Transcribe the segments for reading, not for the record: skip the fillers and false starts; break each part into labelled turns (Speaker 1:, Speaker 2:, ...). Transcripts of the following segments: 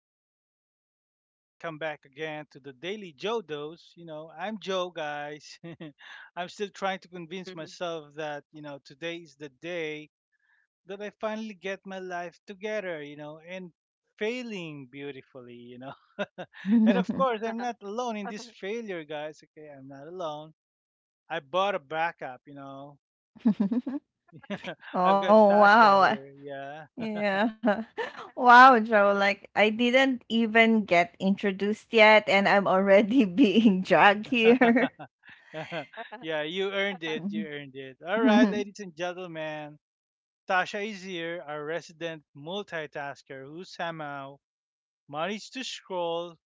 Speaker 1: everyone. Welcome back again to the Daily Joe Dose. I'm Joe, guys. I'm still trying to convince myself that today is the day that I finally get my life together and failing beautifully. And of course, I'm not alone in this failure, guys. Okay, I'm not alone. I bought a backup. I've got
Speaker 2: Oh,
Speaker 1: Tasha
Speaker 2: wow.
Speaker 1: here, yeah.
Speaker 2: Yeah. Wow, Joe. Like, I didn't even get introduced yet, and I'm already being dragged here.
Speaker 1: Yeah, you earned it. You earned it. All right, ladies and gentlemen, Tasha is here, our resident multitasker who somehow managed to scroll,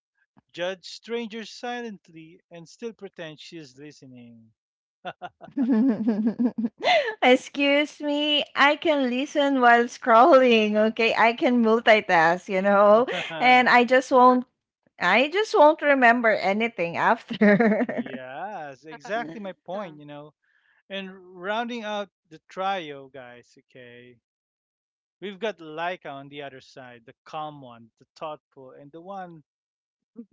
Speaker 1: judge strangers silently, and still pretend she's listening.
Speaker 2: Excuse me, I can listen while scrolling, okay? I can multitask, you know? And I just won't remember anything after.
Speaker 1: Yes, exactly my point. And rounding out the trio, guys, okay, we've got Laika on the other side, the calm one, the thoughtful, and the one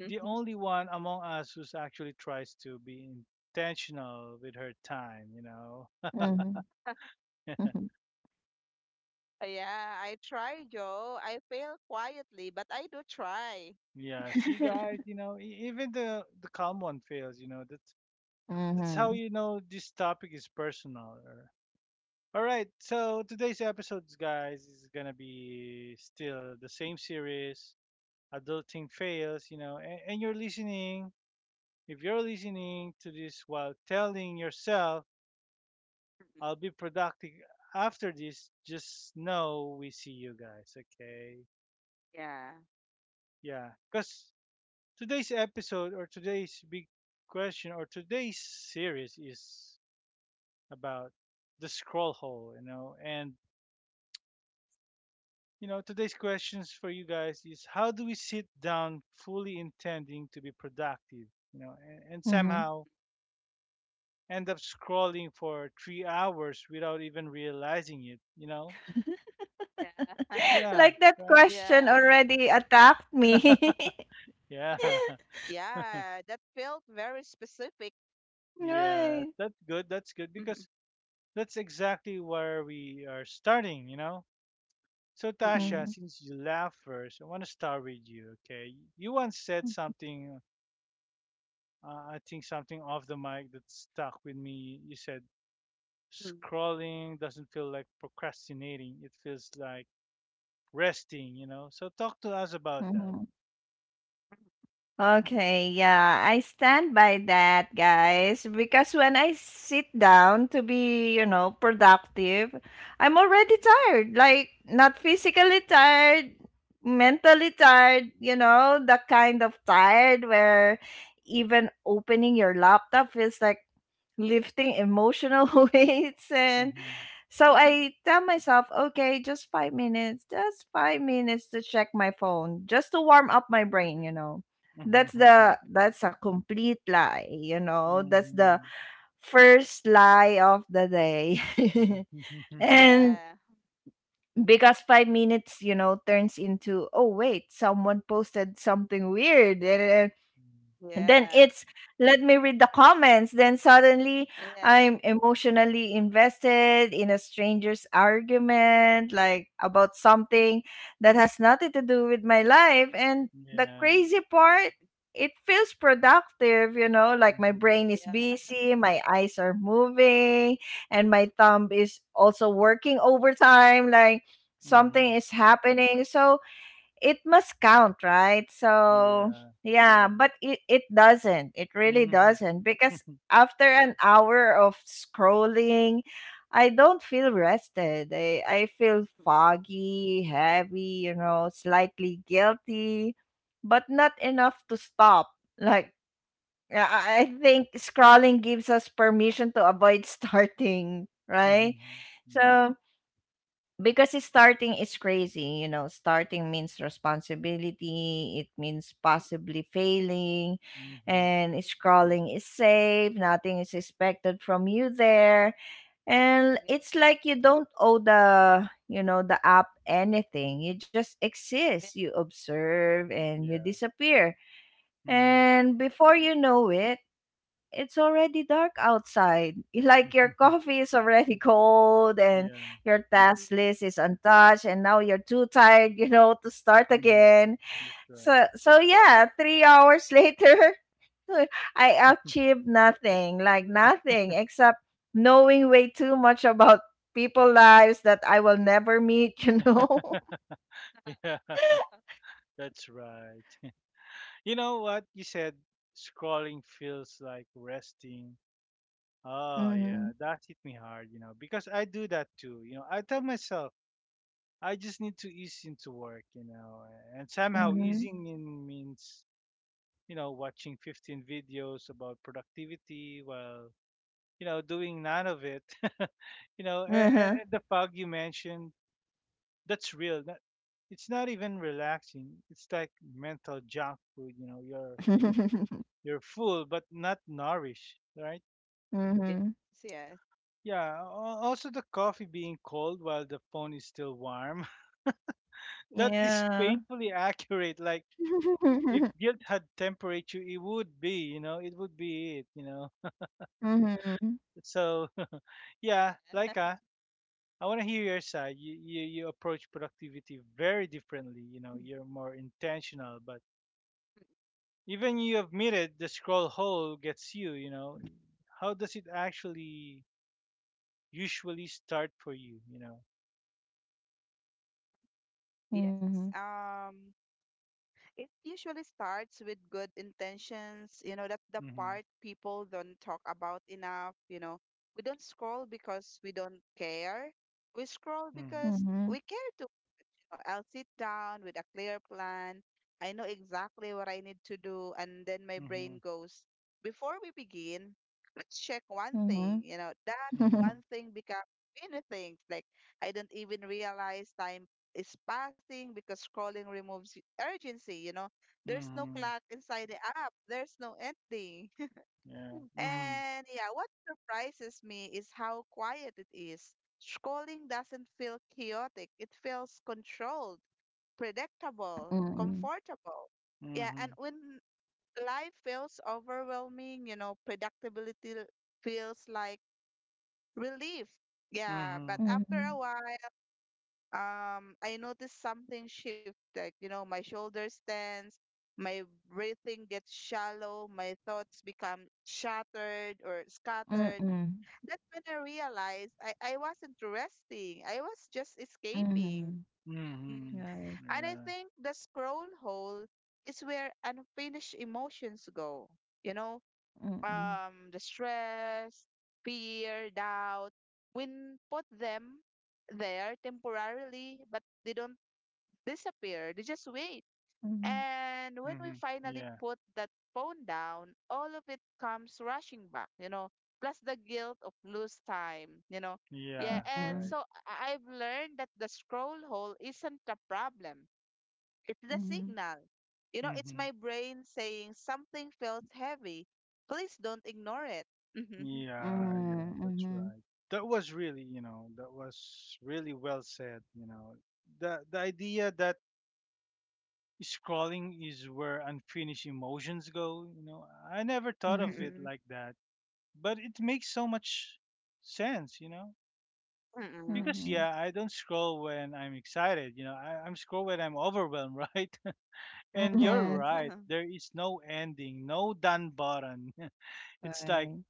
Speaker 1: the only one among us who's actually tries to be intentional with her time.
Speaker 2: Mhm.
Speaker 3: Yeah, I try, Joe. I fail quietly, but I do try.
Speaker 1: Yeah, see
Speaker 3: Mhm.
Speaker 1: guyse- even the calm one fails. That's how
Speaker 2: Mhm.
Speaker 1: you know this topic is personal. All right, so today's episode, guys, is gonna be still the same series, adulting fails, and, you're listening. If you're listening to this while telling yourself
Speaker 3: Mhm.
Speaker 1: I'll be productive after this. Just know we see you guys, okay?
Speaker 3: Yeah.
Speaker 1: Yeah, because today's episode or today's big question or today's series is about the scroll hole. And today's questions for you guys is how do we sit down fully intending to be productive, and,
Speaker 2: Mhm.
Speaker 1: somehow end up scrolling for 3 hours without even realizing it?
Speaker 3: Yeah.
Speaker 1: Yeah,
Speaker 2: Like that
Speaker 1: right?
Speaker 2: question
Speaker 3: Yeah.
Speaker 2: already attacked me.
Speaker 1: Yeah.
Speaker 3: Yeah, that felt very specific.
Speaker 1: Yeah,
Speaker 2: Right.
Speaker 1: that's good. That's good
Speaker 3: Mhm.
Speaker 1: because that's exactly where we are starting? So,
Speaker 3: Mm-mm.
Speaker 1: Tasha,
Speaker 2: Mm,
Speaker 1: since you laughed first, I want to start with you, okay? You once said
Speaker 2: mm,
Speaker 1: something, I think something off the mic that stuck with me. You said,
Speaker 3: Mm.
Speaker 1: scrolling doesn't feel like procrastinating, it feels like resting? So, talk to us about that.
Speaker 2: mhm. Okay, yeah, I stand by that, guys, because when I sit down to be, you know, productive, I'm already tired. Like, not physically tired, mentally tired, you know, the kind of tired where even opening your laptop feels like lifting emotional weights. And
Speaker 1: Hmm.
Speaker 2: so
Speaker 3: Mhm.
Speaker 2: I tell myself, okay, just 5 minutes, just 5 minutes to check my phone, just to warm up my
Speaker 3: Mm.
Speaker 2: brain, you know. That's
Speaker 1: Hmm.
Speaker 2: the that's a complete lie, you know. That's the
Speaker 1: Hmm.
Speaker 2: first lie of the day. And
Speaker 3: Yeah.
Speaker 2: because 5 minutes, you know, turns into oh someone posted something weird. And then
Speaker 3: Yeah.
Speaker 2: it's let me read the comments, then suddenly
Speaker 3: Yeah.
Speaker 2: I'm emotionally invested in a stranger's argument, like about
Speaker 3: Mhm.
Speaker 2: something that has nothing to do with my life. And the
Speaker 1: Yeah.
Speaker 2: crazy part, it feels productive, you know, like my
Speaker 1: Hmm.
Speaker 2: brain is
Speaker 3: Yeah.
Speaker 2: busy, my eyes are moving, and my thumb is also working overtime, like something
Speaker 1: Hmm.
Speaker 2: is happening. So it must count, right? So,
Speaker 1: Yeah.
Speaker 2: yeah, but it doesn't. It really
Speaker 1: Mhm.
Speaker 2: doesn't, because
Speaker 1: Mhm.
Speaker 2: after an hour of scrolling, I don't feel rested. I feel
Speaker 3: Mhm.
Speaker 2: foggy, heavy, you know, slightly guilty, but not enough to stop. Like, yeah, I think scrolling gives us permission to avoid starting, right?
Speaker 1: Mm.
Speaker 2: So, because it's starting is crazy, you know, starting means responsibility, it means possibly failing,
Speaker 1: Mhm.
Speaker 2: and scrolling is safe, nothing is expected from you there. And
Speaker 3: Yeah.
Speaker 2: it's like you don't owe the, you know, the app anything. You just
Speaker 3: Yeah.
Speaker 2: exist, you observe, and you
Speaker 1: Yeah.
Speaker 2: disappear.
Speaker 1: Mhm.
Speaker 2: And before you know it, it's already dark outside. Like your coffee is already cold and
Speaker 1: Yeah.
Speaker 2: your
Speaker 3: Mm. Yeah.
Speaker 2: task list is untouched, and now you're too tired, you know, to start
Speaker 1: Mhm.
Speaker 2: again.
Speaker 1: That's right.
Speaker 2: So so yeah, 3 hours later, I achieved nothing, like nothing except knowing way too much about people lives that I will never meet, you know.
Speaker 1: Yeah, that's right. You know what you said? Scrolling feels like resting. Oh
Speaker 2: Mhm.
Speaker 1: yeah, that hit me hard, because I do that too. You know, I tell myself I just need to ease into work, and somehow
Speaker 2: Mhm.
Speaker 1: easing in means, watching 15 videos about productivity while, doing none of it. you know,
Speaker 2: Uh-huh.
Speaker 1: and, and the fog you mentioned, that's real. That, it's not even relaxing. It's like mental junk food. You know, you're full but not nourished, right?
Speaker 3: Yes.
Speaker 2: Mhm.
Speaker 3: Yes.
Speaker 1: Yeah. Also, the coffee being cold while the phone is still warm. That is
Speaker 2: Yeah.
Speaker 1: painfully accurate. Like if guilt had temperature, it would be. You know, it would be it.
Speaker 2: Mhm.
Speaker 1: So yeah, like us. I want to hear your side. You approach productivity very differently. You know,
Speaker 3: Yeah.
Speaker 1: you're more intentional, but even you admitted the scroll hole gets you. How does it actually usually start for you? You know.
Speaker 2: 嗯哼，
Speaker 3: Yes. It usually starts with good intentions. You know, that's the
Speaker 1: Mhm.
Speaker 3: part people don't talk about enough. You know, we don't scroll because we don't care. We scroll
Speaker 1: Mhm.
Speaker 2: 嗯
Speaker 3: because
Speaker 2: 哼，
Speaker 3: we care, or I'll sit down with a clear plan. I know exactly what I need to do, and then my
Speaker 1: Mhm.
Speaker 3: brain goes, before we begin, let's check one
Speaker 2: 嗯
Speaker 3: thing.
Speaker 2: 哼，
Speaker 3: You know, that
Speaker 2: 嗯哼，
Speaker 1: Mhm.
Speaker 3: one thing becomes many things. Like, I don't even realize time is passing because scrolling removes urgency, you know. There's no
Speaker 1: Mhm.
Speaker 3: clock inside the app. There's no ending.
Speaker 1: Yeah. Mhm.
Speaker 3: And yeah, what surprises me is how quiet it is. Scrolling doesn't feel chaotic, it feels controlled, predictable,
Speaker 2: 嗯
Speaker 3: comfortable. Yeah, and
Speaker 1: Mhm.
Speaker 3: when life feels overwhelming, you know, predictability feels like relief. Yeah, but
Speaker 1: Mhm.
Speaker 2: 嗯，嗯
Speaker 3: after
Speaker 2: 哼，
Speaker 3: a while, I noticed something shift. Like, you know, my shoulders tense, my breathing gets shallow, my thoughts become shattered or
Speaker 2: 嗯
Speaker 3: scattered.
Speaker 2: 嗯，
Speaker 3: That's when I realized I wasn't resting. I was just
Speaker 2: 嗯哼
Speaker 3: escaping.
Speaker 1: Mhm.
Speaker 2: ，right，
Speaker 3: And I
Speaker 1: Yeah.
Speaker 3: think the scroll hole is where unfinished emotions go. You know,
Speaker 2: 嗯嗯，
Speaker 3: the stress, fear, doubt. We put them there temporarily, but they don't disappear. They just wait.
Speaker 2: 嗯
Speaker 1: Mhm.
Speaker 2: 哼，
Speaker 3: And
Speaker 1: Yeah.
Speaker 3: when we finally put that phone down, all of it comes rushing back, you know, plus the guilt of lose time, you know.
Speaker 1: Yeah.
Speaker 3: Yeah, and
Speaker 1: Right.
Speaker 3: so I've learned that the scroll hole isn't a problem. It's the
Speaker 2: 嗯哼，
Speaker 3: signal. You know, it's
Speaker 1: Mhm.
Speaker 3: my brain saying something feels heavy. Please don't ignore it. Mm-hmm.
Speaker 2: 嗯
Speaker 1: Yeah, yeah,
Speaker 2: 哼，嗯
Speaker 1: that's
Speaker 2: 嗯，
Speaker 1: right. That was really, that was really well said. The idea that scrolling is where unfinished emotions go. I never thought
Speaker 2: 嗯哼，嗯嗯，
Speaker 1: of
Speaker 2: 嗯
Speaker 1: it
Speaker 3: Mm-mm.
Speaker 1: like that, but it makes so much sense.
Speaker 2: 哼，嗯哼，嗯
Speaker 3: Mm-mm.
Speaker 1: Because
Speaker 2: 哼，
Speaker 1: yeah, I don't scroll when I'm excited. I'm scroll when I'm overwhelmed, right?
Speaker 2: 嗯
Speaker 1: And you're
Speaker 2: 哼
Speaker 3: Yes.
Speaker 1: right. There is no ending, no done button. It's like
Speaker 2: ，right，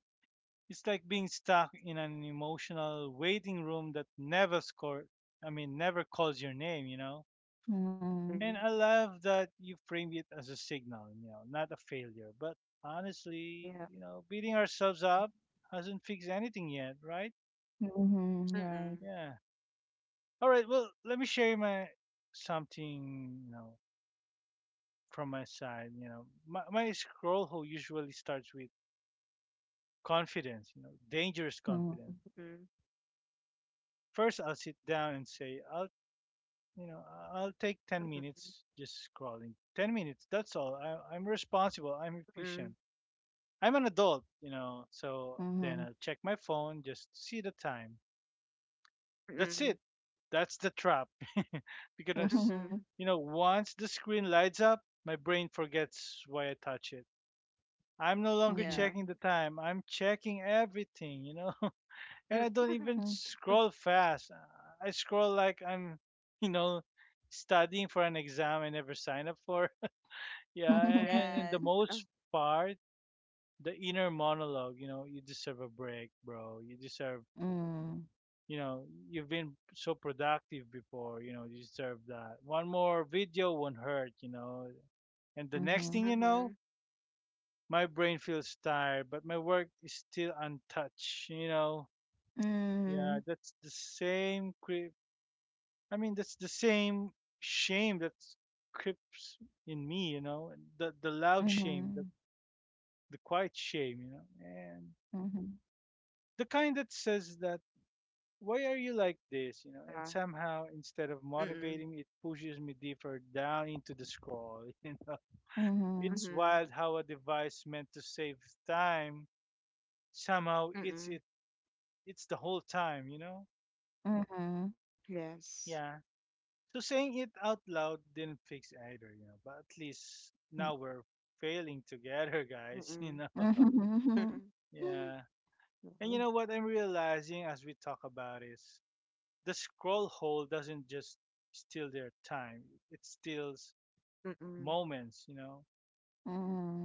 Speaker 1: It's like being stuck in an emotional waiting room that never score I mean never calls your name.
Speaker 2: 嗯
Speaker 1: And
Speaker 3: Mm-mm.
Speaker 1: I love that you frame it as a signal, not a failure. But honestly,
Speaker 3: Yeah.
Speaker 1: you know, beating ourselves up hasn't fixed anything yet, right?
Speaker 2: 嗯，
Speaker 3: Mm-mm.
Speaker 1: Yeah. All right, well, let me share my something, from my side. My scroll hole usually starts with confidence, dangerous
Speaker 2: 嗯
Speaker 1: confidence
Speaker 2: 哼，
Speaker 3: Mm-mm.
Speaker 1: first I'll sit down and say, I'll You know, I- I'll take 10
Speaker 3: Mm-mm.
Speaker 1: minutes just scrolling. 10 minutes, that's all. I'm responsible. I'm efficient.
Speaker 3: Mm-mm.
Speaker 1: I'm an adult, so
Speaker 2: 嗯
Speaker 1: then
Speaker 2: 哼，
Speaker 1: I'll check my phone just to see the time. That's it.
Speaker 3: Mm-mm.
Speaker 1: That's the trap.
Speaker 2: 嗯
Speaker 1: Because,
Speaker 2: 哼，
Speaker 3: Mm-hmm.
Speaker 1: you know, once the screen lights up, my brain forgets why I touch it. I'm no
Speaker 2: 嗯哼哼
Speaker 1: longer
Speaker 2: 哼，
Speaker 3: Yeah.
Speaker 1: checking the time. I'm checking everything? And I
Speaker 3: Mm.
Speaker 1: don't even scroll fast. I scroll like I'm, you know, studying for an exam I never signed up for. Yeah, and, the
Speaker 3: Yes. Oh,
Speaker 1: most part, the inner monologue, you deserve a break, bro. You deserve,
Speaker 2: 嗯
Speaker 1: you know, you've been so productive before, you deserve that. One more video won't hurt.
Speaker 2: 嗯，嗯
Speaker 1: And the
Speaker 2: 哼，
Speaker 1: next thing you know,
Speaker 3: mm-hmm.
Speaker 1: my brain feels tired, but my work is still untouched.
Speaker 2: 嗯
Speaker 1: Yeah, that's the same creep. I mean, that's the same shame that creeps in me, the loud shame, the quiet shame. And
Speaker 2: 哼，
Speaker 1: the kind that says that why are you like this,
Speaker 3: Yeah.
Speaker 1: and somehow instead of
Speaker 3: Mm-mm.
Speaker 1: motivating me, it pushes me deeper down into the scroll
Speaker 2: 嗯哼，
Speaker 1: it's
Speaker 3: Mm-hmm.
Speaker 1: wild how a device meant to save time somehow it's
Speaker 3: Mm-mm.
Speaker 1: it it's the whole time.
Speaker 2: 嗯哼，嗯哼，嗯哼
Speaker 3: Yes.
Speaker 1: Yeah, so saying it out loud didn't fix either, but at least now we're failing together guys you
Speaker 3: Mm-mm.
Speaker 1: know
Speaker 2: 哼哼。
Speaker 3: Mm-hmm.
Speaker 1: Yeah,
Speaker 3: Yeah.
Speaker 1: and you know what I'm realizing as we talk about is the scroll hole doesn't just steal their time; it steals
Speaker 3: Mm-mm. Mm-hmm. Mm-hmm.
Speaker 1: moments. You know,
Speaker 2: Mm,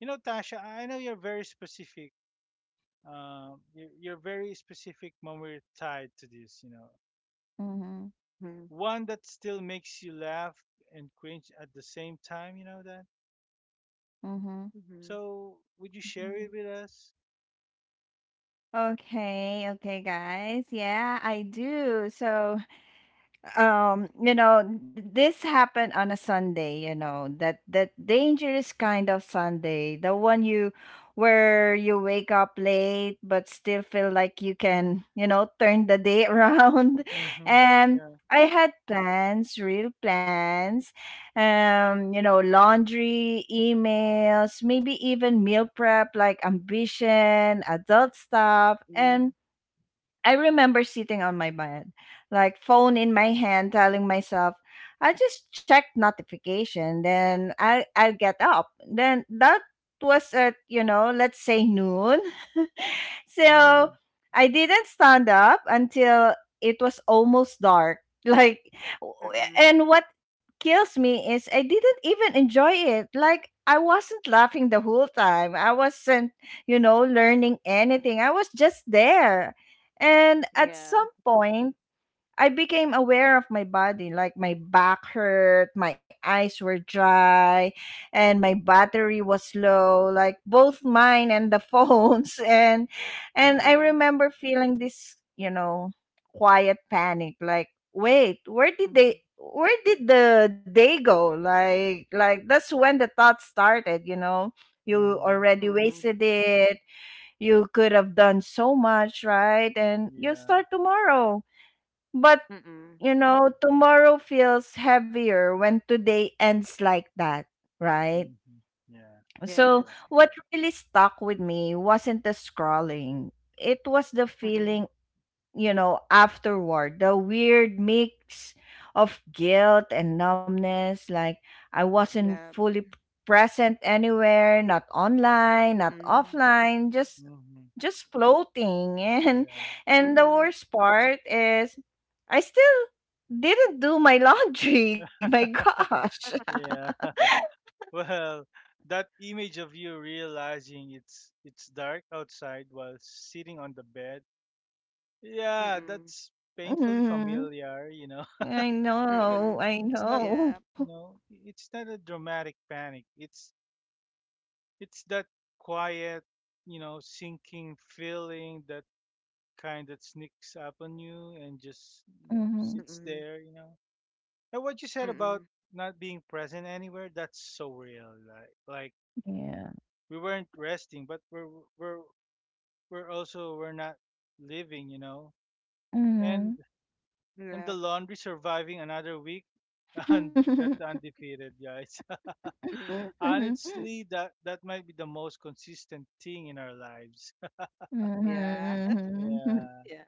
Speaker 1: you know, Tasha. I know you're very specific. Your very specific moment tied to this. You know
Speaker 2: mhm,
Speaker 1: one that still makes you laugh and cringe at the same time. You know that.
Speaker 2: mhm,
Speaker 3: Mm-hmm.
Speaker 1: So, would you share
Speaker 2: mhm.
Speaker 1: it with us?
Speaker 2: Okay, okay, guys. Yeah, I do. So, you know, this happened on a Sunday, you know, that that dangerous kind of Sunday, the one you where you wake up late but still feel like you can, you know, turn the day around.
Speaker 1: Mm-hmm.
Speaker 2: And
Speaker 1: Yeah.
Speaker 2: I had plans, real plans, you know, laundry, emails, maybe even meal prep, like ambition adult stuff. And I remember sitting on my bed, like phone in my hand, telling myself, "I just check notification, then I'll get up." Then that was at, you know, let's say noon. So
Speaker 1: Mm-hmm.
Speaker 3: Mm-mm.
Speaker 2: I didn't stand up until it was almost dark. Like, w-
Speaker 3: Mm-mm.
Speaker 2: and what kills me is I didn't even enjoy it. Like, I wasn't laughing the whole time. I wasn't, you know, learning anything. I was just there. And at
Speaker 3: Yeah.
Speaker 2: some point, I became aware of my body, like my back hurt, my eyes were dry, and my battery was low, like both mine and the phones. And
Speaker 1: Mm-hmm.
Speaker 2: I
Speaker 3: Mm-mm.
Speaker 2: remember feeling this, you know, quiet panic, like, wait,
Speaker 3: Mm-hmm.
Speaker 2: where did the day go? Like that's when the thought started, you know. You
Speaker 1: Mm-hmm.
Speaker 2: already
Speaker 3: Mm-mm.
Speaker 2: wasted it. You could have done so much, right? And you
Speaker 1: Yeah.
Speaker 2: start tomorrow, but,
Speaker 3: Mm-mm.
Speaker 2: you know, tomorrow feels heavier when today ends like that, right?
Speaker 1: Mm-hmm. Yeah. That's
Speaker 2: So,
Speaker 1: right.
Speaker 3: Yes.
Speaker 2: what really stuck with me wasn't the scrolling, it was the
Speaker 3: Mm-mm.
Speaker 2: feeling, you know, afterward, the weird mix of guilt and numbness. Like, I wasn't
Speaker 3: Yeah.
Speaker 2: fully present anywhere, not online, not
Speaker 3: Mm-mm.
Speaker 2: offline, just
Speaker 1: Mm-hmm.
Speaker 2: floating. and
Speaker 1: Yeah.
Speaker 2: and the
Speaker 3: Mm-hmm.
Speaker 2: worst part is I still didn't do my laundry. My gosh.
Speaker 1: Yeah. Well, that image of you realizing it's dark outside while sitting on the bed. Yeah,
Speaker 3: Mm-mm.
Speaker 1: that's painfully
Speaker 2: Hmm.
Speaker 1: familiar,
Speaker 2: i
Speaker 1: because
Speaker 2: know
Speaker 1: it,
Speaker 3: Mm-mm.
Speaker 2: i
Speaker 1: it's not,
Speaker 2: know
Speaker 3: Yeah.
Speaker 1: you know, it's not a dramatic panic. It's that quiet, sinking feeling that kind that sneaks up on you and just, you know,
Speaker 2: Hmm.
Speaker 1: sits
Speaker 3: Mm-mm.
Speaker 1: there. And what you said about
Speaker 3: Mm-mm.
Speaker 1: not being present anywhere, that's so real. Like
Speaker 2: Yeah.
Speaker 1: we weren't resting, but we're we're also we're not living. And
Speaker 2: Hmm.
Speaker 1: and the
Speaker 3: Yeah.
Speaker 1: laundry surviving another week and that's undefeated, guys.
Speaker 3: Mm-mm.
Speaker 1: Honestly, that might be the most consistent thing in our lives.
Speaker 2: 嗯哼
Speaker 3: Yeah.
Speaker 2: 嗯 哼哼
Speaker 1: Yeah.
Speaker 3: Yeah.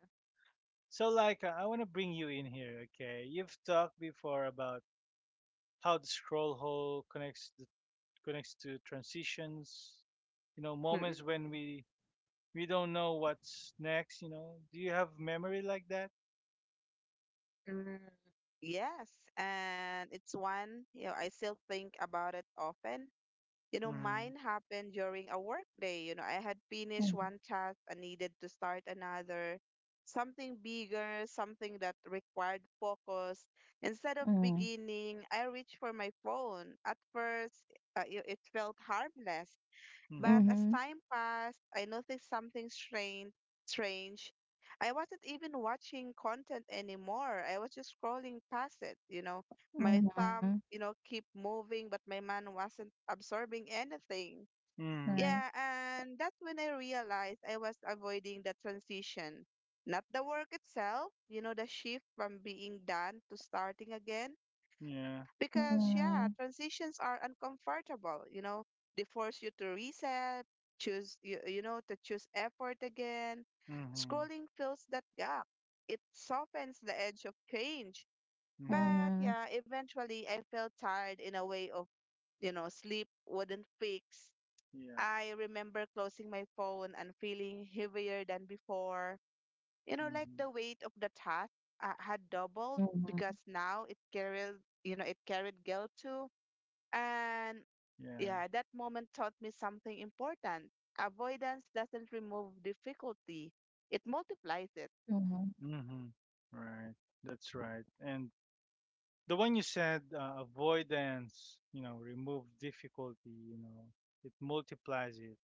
Speaker 1: So, like, I want to bring you in here, okay? You've talked before about how the scroll hole connects connects to transitions,
Speaker 3: Mm-mm.
Speaker 1: moments when we don't know what's next. Do you have memory like that?
Speaker 3: Mm. Yes. And it's one, you know, I still think about it often. You know,
Speaker 1: Mm-hmm.
Speaker 3: mine happened during a work day. You know, I had finished
Speaker 2: 嗯
Speaker 3: one task and needed to start another, something bigger, something that required focus. Instead of
Speaker 2: 嗯
Speaker 3: beginning, I reached for my phone. At first, it felt harmless, but
Speaker 2: 嗯
Speaker 1: Mm-hmm.
Speaker 3: as
Speaker 2: 哼
Speaker 3: time passed, I noticed something strange. Strange. I wasn't even watching content anymore. I was just scrolling past it, you know.
Speaker 2: 嗯
Speaker 3: My
Speaker 2: 哼，
Speaker 3: thumb, you know, keep moving, but my man wasn't absorbing anything.
Speaker 1: Mm-hmm.
Speaker 2: 来
Speaker 3: Yeah, and that's when I realized I was avoiding the transition. Not the work itself, you know, the shift from being done to starting again.
Speaker 1: Yeah.
Speaker 3: Because, yeah,
Speaker 2: 嗯
Speaker 3: transitions are uncomfortable, you know, they force you to reset, choose, you know, to choose effort again.
Speaker 1: Hmm.
Speaker 3: Scrolling fills that gap, it softens the edge of change.
Speaker 1: Hmm.
Speaker 3: But,
Speaker 2: 嗯
Speaker 3: yeah, eventually I felt tired in a way of, you know, sleep wouldn't fix.
Speaker 1: Yeah.
Speaker 3: I remember closing my phone and feeling heavier than before. You know, like
Speaker 1: Hmm.
Speaker 3: the weight of the task had
Speaker 2: 嗯
Speaker 3: doubled
Speaker 2: 哼
Speaker 3: because now it carried, you know, it carried guilt too, and
Speaker 1: Yeah.
Speaker 3: yeah, that moment taught me something important. Avoidance doesn't remove difficulty, it multiplies it.
Speaker 2: 嗯哼
Speaker 1: Hmm. Right. That's right. And the one you said, avoidance remove difficulty, it multiplies it.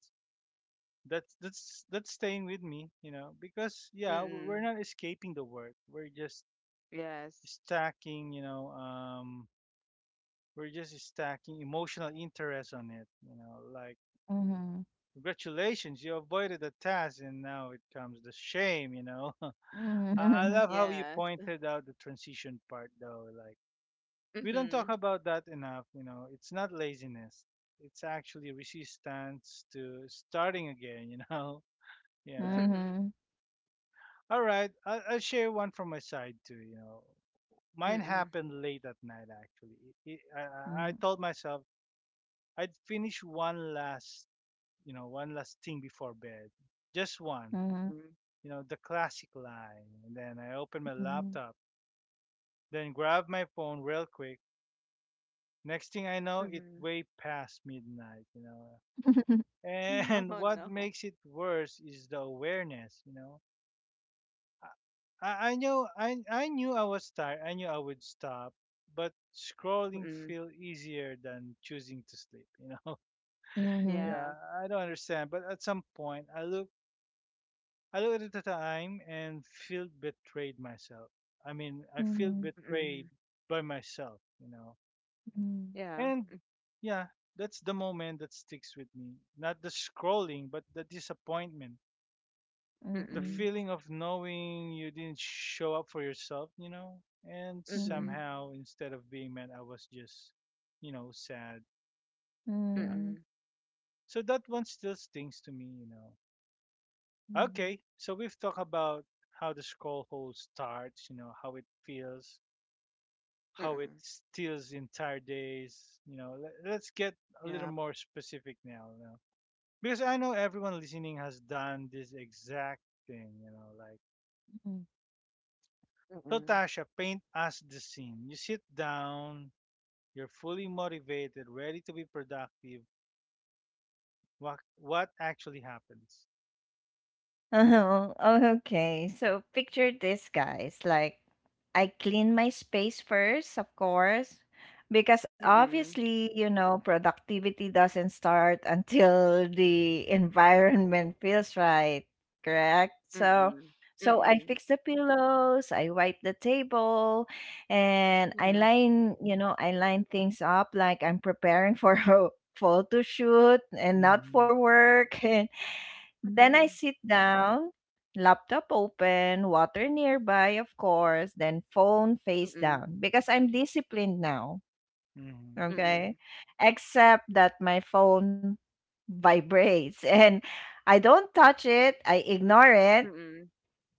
Speaker 1: That's staying with me, because yeah, we're
Speaker 3: Mm-mm.
Speaker 1: not escaping the work. We're just
Speaker 3: Yes.
Speaker 1: stacking, we're just stacking emotional interest on it, like
Speaker 2: 嗯哼
Speaker 1: congratulations, you avoided the task, and now it comes the shame.
Speaker 2: 嗯
Speaker 1: I
Speaker 2: 哼
Speaker 1: love how you
Speaker 3: Yes.
Speaker 1: pointed out the transition part, though. Like, we don't talk
Speaker 3: Mm-hmm.
Speaker 1: about that enough. It's not laziness, it's actually resistance to starting again?
Speaker 2: 嗯
Speaker 1: Yeah.
Speaker 3: Mm-hmm.
Speaker 2: 哼
Speaker 1: All right. I'll share one from my side, too. Mine happened late at night, actually. It,
Speaker 2: 嗯哼
Speaker 1: I told myself I'd finish one last, one last thing before bed. Just
Speaker 2: 嗯
Speaker 1: one,
Speaker 2: 哼
Speaker 3: Mm-mm.
Speaker 1: you know, the classic lie. And then I
Speaker 2: 嗯
Speaker 1: opened my
Speaker 2: 哼
Speaker 1: laptop then grabbed my phone real quick. Next thing I know, it
Speaker 3: Mm-hmm.
Speaker 1: way past midnight. And
Speaker 3: Oh
Speaker 1: what
Speaker 3: no.
Speaker 1: makes it worse is the awareness. I know I knew I was tired. I knew I would stop, but scrolling
Speaker 3: Mm-mm.
Speaker 1: feel easier than choosing to sleep.
Speaker 2: 嗯 哼
Speaker 3: Yeah.
Speaker 1: Yeah, I don't understand, but at some point I look at the time and feel betrayed myself. I
Speaker 2: 嗯哼嗯哼嗯哼
Speaker 1: mean, I
Speaker 2: 嗯
Speaker 1: feel
Speaker 2: 哼
Speaker 1: betrayed
Speaker 3: Mm-mm.
Speaker 1: by myself.
Speaker 2: 嗯
Speaker 3: Yeah.
Speaker 1: And yeah, that's the moment that sticks with me. Not the scrolling, but the disappointment. The
Speaker 3: Mm-mm.
Speaker 2: 嗯
Speaker 1: feeling of knowing you didn't show up for yourself? And
Speaker 2: 嗯
Speaker 3: Mm-hmm.
Speaker 2: 哼
Speaker 1: somehow, instead of being mad, I was just, sad. Yeah.
Speaker 2: 嗯嗯
Speaker 3: Mm-mm.
Speaker 1: So that one still stings to me.
Speaker 2: 嗯嗯
Speaker 1: Okay, so we've talked about how the scroll hole starts, how it feels, how it
Speaker 3: Mm-mm.
Speaker 1: steals entire days. Let's get a little
Speaker 3: Yeah.
Speaker 1: more specific now. Because I know everyone listening has done this exact thing, like
Speaker 2: 嗯。
Speaker 1: so,
Speaker 3: Mm-mm.
Speaker 1: Tasha, paint us the scene. You sit down, you're fully motivated, ready to be productive. What actually happens?
Speaker 2: Uh-huh. Oh, okay. So picture this, guys. Like, I clean my space first, of course, because
Speaker 3: Mm-mm.
Speaker 2: obviously, you know, productivity doesn't start until the environment feels right, correct? So,
Speaker 3: Mm-mm.
Speaker 2: so I
Speaker 3: Mm-mm.
Speaker 2: fix the pillows, I wipe the table, and I
Speaker 3: Yeah.
Speaker 2: line, you know, I line things up like I'm preparing for a photo shoot and not
Speaker 1: Mm-hmm.
Speaker 2: for work. Then I sit down, laptop open, water nearby, of course, then phone face
Speaker 3: Mm-hmm.
Speaker 2: down because I'm disciplined now.
Speaker 1: Mm-hmm.
Speaker 2: Okay.
Speaker 3: Mm-mm.
Speaker 2: Except that my phone vibrates, and I don't touch it, I ignore it.
Speaker 3: Mm-mm.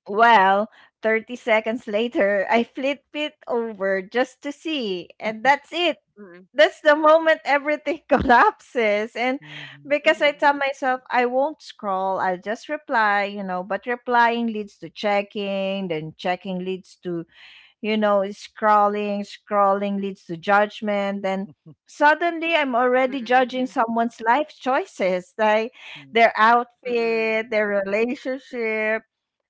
Speaker 2: Well, 30 seconds later, I flip it over just to see, and that's it.
Speaker 3: Mm-mm.
Speaker 2: That's the moment everything collapses. And
Speaker 1: Mm-hmm.
Speaker 3: Mm-mm.
Speaker 2: because I
Speaker 3: Mm-mm.
Speaker 2: tell myself I won't scroll, I'll just reply, you know, but replying leads to checking, then checking leads to, you know, scrolling, scrolling leads to judgment. Then suddenly I'm already judging
Speaker 3: Mm-mm.
Speaker 2: someone's life choices, like their
Speaker 3: Mm. mm,
Speaker 2: outfit, their relationship.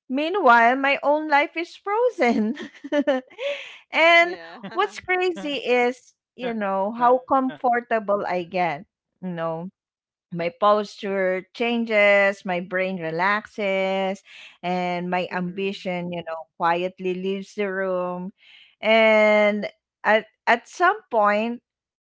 Speaker 2: Meanwhile, my own life is frozen.
Speaker 1: yeah.
Speaker 2: And
Speaker 3: Yeah.
Speaker 2: what's crazy is, you know, how comfortable I get, you know, my posture changes, my brain relaxes, and my
Speaker 3: Mm.
Speaker 2: ambition, you know, quietly leaves the room. And at some point,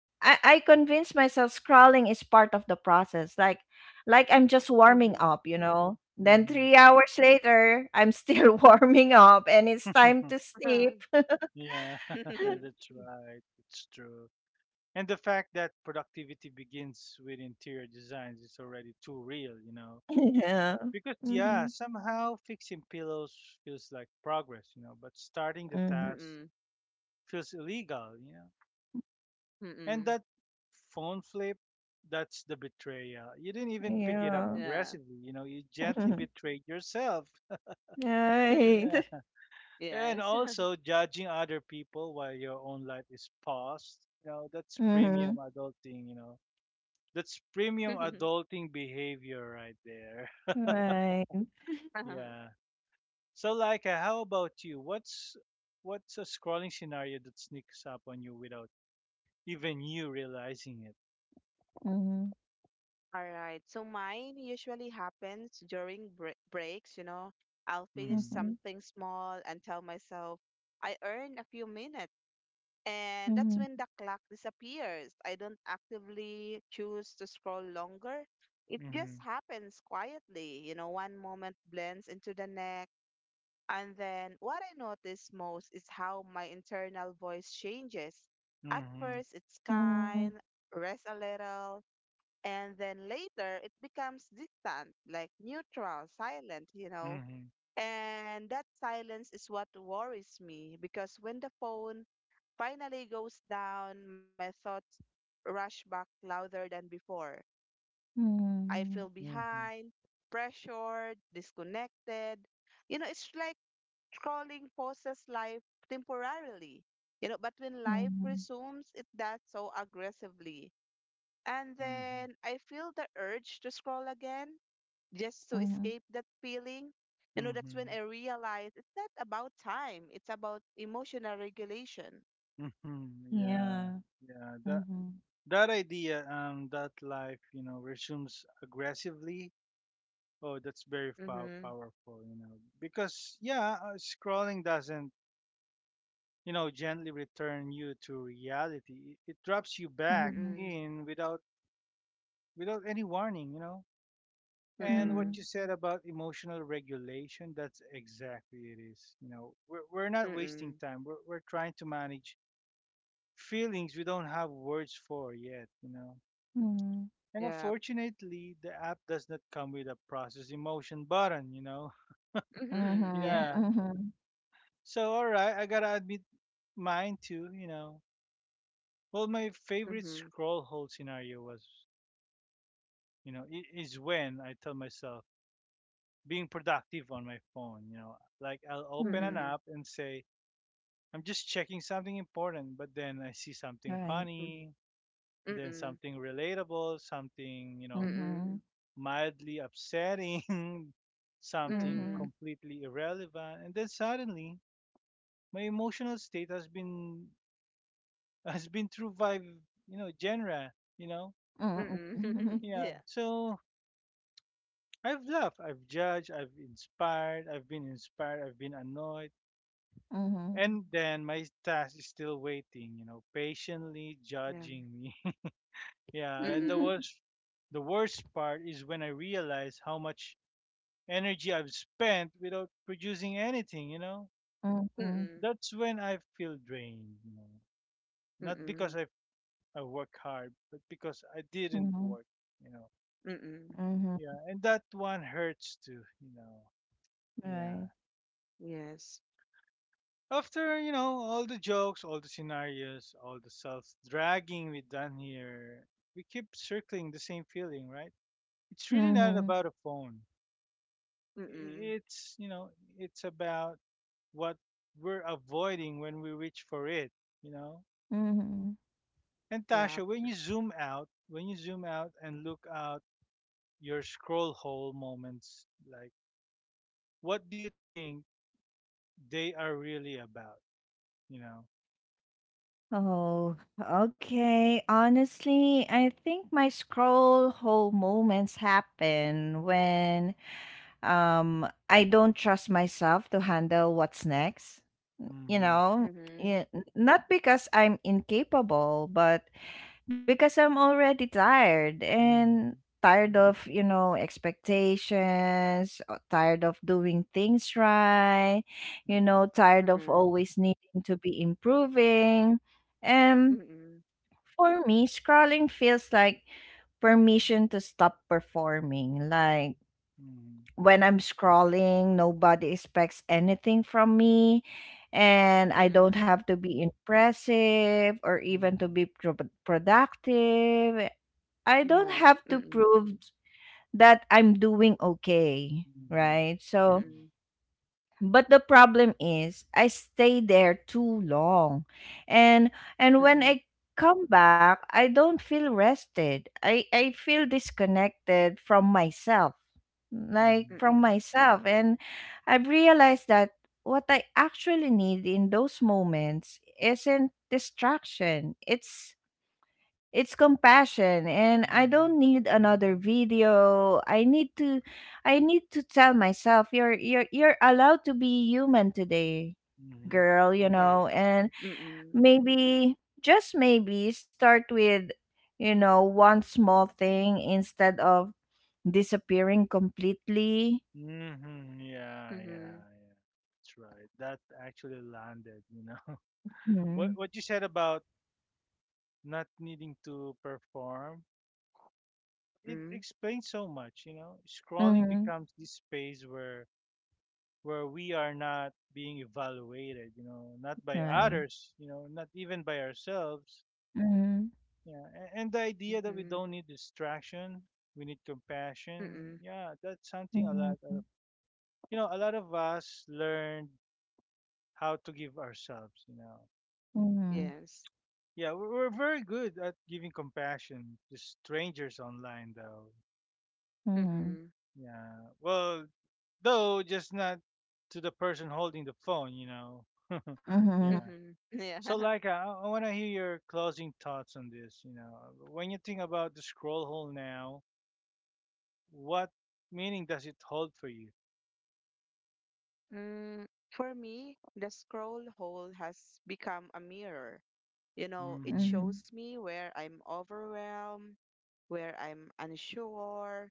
Speaker 2: I convince myself scrolling is part of the process. Like I'm just
Speaker 3: Mhm.
Speaker 2: warming up, you know. Then
Speaker 1: Mm-hmm.
Speaker 2: 3 hours later, I'm still warming up and it's time to sleep.
Speaker 3: Mm.
Speaker 1: yeah, that's right. It's true. And the fact that productivity begins with interior designs is already too real.
Speaker 2: Yeah.
Speaker 1: Because yeah,
Speaker 2: Mm-hmm.
Speaker 1: somehow fixing pillows feels like progress, but starting the
Speaker 2: Mm-hmm.
Speaker 3: Mm.
Speaker 1: task
Speaker 3: mm
Speaker 1: feels illegal. And
Speaker 3: mm,
Speaker 1: that phone flip, that's the betrayal. You didn't even pick it up
Speaker 2: Yeah.
Speaker 3: Yeah.
Speaker 1: aggressively, you gently betrayed yourself.
Speaker 2: Right.
Speaker 1: Yeah. And
Speaker 3: Yes.
Speaker 1: also judging other people while your own life is paused. That's premium
Speaker 2: Mm-hmm.
Speaker 1: adulting. That's premium adulting behavior right there.
Speaker 2: Right.
Speaker 3: Uh-huh.
Speaker 1: Yeah. So, Laika, how about you? What's a scrolling scenario that sneaks up on you without even you realizing it?
Speaker 2: Mhm.
Speaker 3: All right. So mine usually happens during breaks, you know. I'll finish
Speaker 1: Mhm,
Speaker 2: Mhm.
Speaker 3: something small and tell myself I earned a few minutes. And that's
Speaker 2: Mhm.
Speaker 3: when the clock disappears. I don't actively choose to scroll longer. It just
Speaker 1: mhm,
Speaker 3: happens quietly, you know, one moment blends into the next. And then what I notice most is how my internal voice changes. At
Speaker 1: mhm,
Speaker 3: first, it's
Speaker 2: Mhm.
Speaker 3: kind, rest a little, and then later it becomes distant, like neutral, silent, you know.
Speaker 1: mhm,
Speaker 3: And that silence is what worries me because when the phone finally goes down, my thoughts rush back louder than before. I
Speaker 2: Mhm.
Speaker 3: feel
Speaker 1: mhm,
Speaker 3: behind, pressured, disconnected. You know, it's like scrolling pauses life temporarily, you know, but when life
Speaker 2: Mhm.
Speaker 3: resumes, it does so aggressively. And
Speaker 1: mhm,
Speaker 3: then I feel the urge to scroll again just to
Speaker 2: Mhm.
Speaker 3: escape that feeling. You know, that's when
Speaker 1: mhm,
Speaker 3: I realize it's not about time, it's about emotional regulation.
Speaker 1: mhm. Yeah,
Speaker 2: Yeah.
Speaker 1: yeah. That
Speaker 2: Mhm.
Speaker 1: that idea, that life resumes aggressively. Oh, that's very pow-
Speaker 3: Mm-hmm.
Speaker 1: powerful, you know, because yeah, scrolling doesn't gently return you to reality. It drops you back
Speaker 2: Mhm.
Speaker 3: Mm-mm.
Speaker 1: in without any warning. And what
Speaker 3: Mm-mm.
Speaker 1: you
Speaker 2: Mhm.
Speaker 1: said about emotional regulation, that's exactly it is. We're not wasting
Speaker 3: Mm-mm.
Speaker 1: time. We're trying to manage feelings we don't have words for yet.
Speaker 2: Mhm.
Speaker 1: And
Speaker 3: Yeah.
Speaker 1: unfortunately, the app does not come with a process emotion button.
Speaker 3: Mm-hmm. Yeah.
Speaker 2: Mhm.
Speaker 1: Yeah.
Speaker 2: Mhm.
Speaker 1: So, all right, I gotta admit mine too. Well, my favorite
Speaker 3: Mm-hmm.
Speaker 1: scroll hole scenario was, you know, I- is when I tell myself, being productive on my phone. Like I'll open an
Speaker 2: Mhm.
Speaker 3: Mm-mm.
Speaker 1: app and say, I'm just checking something important, but then I see something
Speaker 2: Right.
Speaker 3: Mm-mm.
Speaker 1: funny, then
Speaker 3: Mm-mm.
Speaker 1: something relatable, something, you know,
Speaker 2: Mhm.
Speaker 3: Mm-mm.
Speaker 1: mildly upsetting, something
Speaker 2: Mhm.
Speaker 3: Mm-mm.
Speaker 1: completely irrelevant. And then suddenly my emotional state has been has been through five genre, you know?
Speaker 2: Mhm. Mhm.
Speaker 3: Mm-mm.
Speaker 2: Mhm.
Speaker 1: Yeah.
Speaker 3: Yeah.
Speaker 1: So I've laughed, I've judged, I've inspired, I've been annoyed. And then my task is still waiting, patiently
Speaker 3: Yeah.
Speaker 1: judging me. yeah, and the
Speaker 3: Mm-mm.
Speaker 1: worst the worst part is when I realize how much energy I've spent without producing anything?
Speaker 2: Mhm.
Speaker 3: Mm,
Speaker 1: That's when I feel drained. Not
Speaker 3: mm,
Speaker 1: because I work hard, but because I didn't
Speaker 2: Mhm.
Speaker 1: work, you know.
Speaker 3: mm,
Speaker 2: Mhm.
Speaker 1: Yeah, and that one hurts too. Yeah.
Speaker 2: Right.
Speaker 3: yes,
Speaker 1: After all the jokes, all the scenarios, all the self dragging we've done here, we keep circling the same feeling, right? It's really not
Speaker 2: Mhm.
Speaker 1: about a phone.
Speaker 3: mm,
Speaker 1: It's, you know, it's about what we're avoiding when we reach for it, you know?
Speaker 2: Mhm.
Speaker 1: And
Speaker 3: yeah,
Speaker 1: Tasha, when you zoom out and look out your scroll hole moments, like, what do you think they are really about, you know?
Speaker 2: Oh, okay. Honestly, I think my scroll hole moments happen when I don't trust myself to handle what's next.
Speaker 1: Mm
Speaker 2: You
Speaker 1: hmm.
Speaker 2: know,
Speaker 3: mhm,
Speaker 2: yeah, not because I'm incapable, but because I'm already tired
Speaker 1: Mm
Speaker 2: and
Speaker 1: hmm.
Speaker 2: tired of, you know, expectations, tired of doing things right, you
Speaker 1: Yeah.
Speaker 2: know, tired of
Speaker 3: mhm,
Speaker 2: always needing to be improving. And
Speaker 3: mm,
Speaker 2: for me, scrolling feels like permission to stop performing. Like
Speaker 1: Mm
Speaker 2: when I'm scrolling, nobody expects anything from me, and I
Speaker 3: mm,
Speaker 2: don't have to be impressive or even to
Speaker 1: hmm.
Speaker 2: be productive. I don't
Speaker 3: yeah,
Speaker 2: have to
Speaker 3: mm,
Speaker 2: prove that I'm doing okay,
Speaker 1: Mhm.
Speaker 2: right? So,
Speaker 1: Yeah.
Speaker 3: mm,
Speaker 2: but the problem is I stay there too long. And and when
Speaker 3: mm,
Speaker 2: I come back, I don't feel rested. I feel disconnected from myself. Like
Speaker 1: Mhm.
Speaker 2: from
Speaker 3: mm,
Speaker 1: Yeah.
Speaker 2: myself. And I've realized that what I actually need in those moments isn't distraction. It's compassion, and I
Speaker 1: Mhm.
Speaker 2: don't need another video. I need to tell myself you're allowed to be human today,
Speaker 1: Mhm.
Speaker 2: girl, you know,
Speaker 3: yes,
Speaker 2: and
Speaker 3: mm,
Speaker 2: maybe just maybe start with, you know, one small thing instead of disappearing completely.
Speaker 1: Mhm. Yeah. Yeah.
Speaker 3: mhm,
Speaker 1: Yeah. That's right. That actually landed. You know what?
Speaker 2: Hmm.
Speaker 1: What you said about not needing to perform it
Speaker 3: mm,
Speaker 1: explains so much. Scrolling
Speaker 2: Mm-hmm.
Speaker 1: becomes this space where we are not being evaluated. Not by
Speaker 2: Right.
Speaker 1: others. Not even by ourselves
Speaker 2: Mm-hmm.
Speaker 1: Yeah, and the idea that we
Speaker 3: mhm,
Speaker 1: don't need distraction, we need compassion.
Speaker 3: mm,
Speaker 1: Yeah, that's something a lot
Speaker 2: Mm-hmm.
Speaker 1: of you know a lot of us learned how to give ourselves. You know,
Speaker 2: Mm-hmm.
Speaker 3: yes,
Speaker 1: yeah, we're, we're very good at giving compassion to strangers online, though.
Speaker 2: Mm-hmm.
Speaker 3: mhm,
Speaker 1: Yeah, well, though just not to the person holding the phone.
Speaker 2: Mm-hmm.
Speaker 1: Yeah.
Speaker 3: mhm, yeah.
Speaker 1: So, like, I want to hear your closing thoughts on this. When you think about the scroll hole now what meaning does it hold for you?
Speaker 3: Mm, for me, the scroll hole has become a mirror. You know, it
Speaker 1: Mhm.
Speaker 2: Mm-hmm.
Speaker 3: shows me where I'm overwhelmed, where I'm unsure,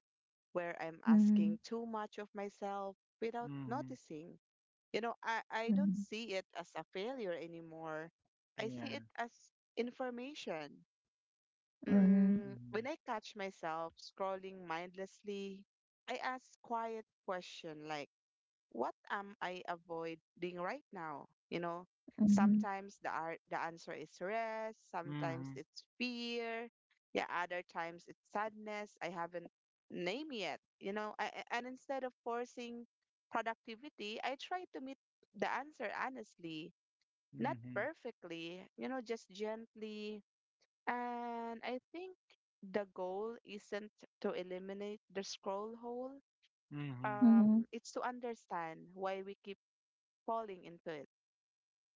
Speaker 3: where I'm
Speaker 2: Mm-hmm.
Speaker 3: asking too much of myself without
Speaker 1: Mhm.
Speaker 3: noticing. You know, I don't
Speaker 2: Mm-hmm.
Speaker 3: see it as a failure anymore. I see it
Speaker 1: Yeah.
Speaker 3: as information.
Speaker 1: Right.
Speaker 2: Mm-hmm.
Speaker 3: Mm, when
Speaker 1: Mhm.
Speaker 3: I catch myself scrolling mindlessly, I ask quiet question like, what am I avoiding right now? You know,
Speaker 2: Mhm.
Speaker 3: sometimes the answer is rest, sometimes
Speaker 1: Mhm.
Speaker 3: it's fear, yeah, other times it's sadness. I haven't named yet. You know, and instead of forcing productivity, I try to meet the answer honestly, not
Speaker 1: Mhm.
Speaker 3: perfectly. You know, just gently. And I think the goal isn't to eliminate the scroll hole,
Speaker 1: Mhm.
Speaker 2: Mhm.
Speaker 3: it's to understand why we keep falling into it.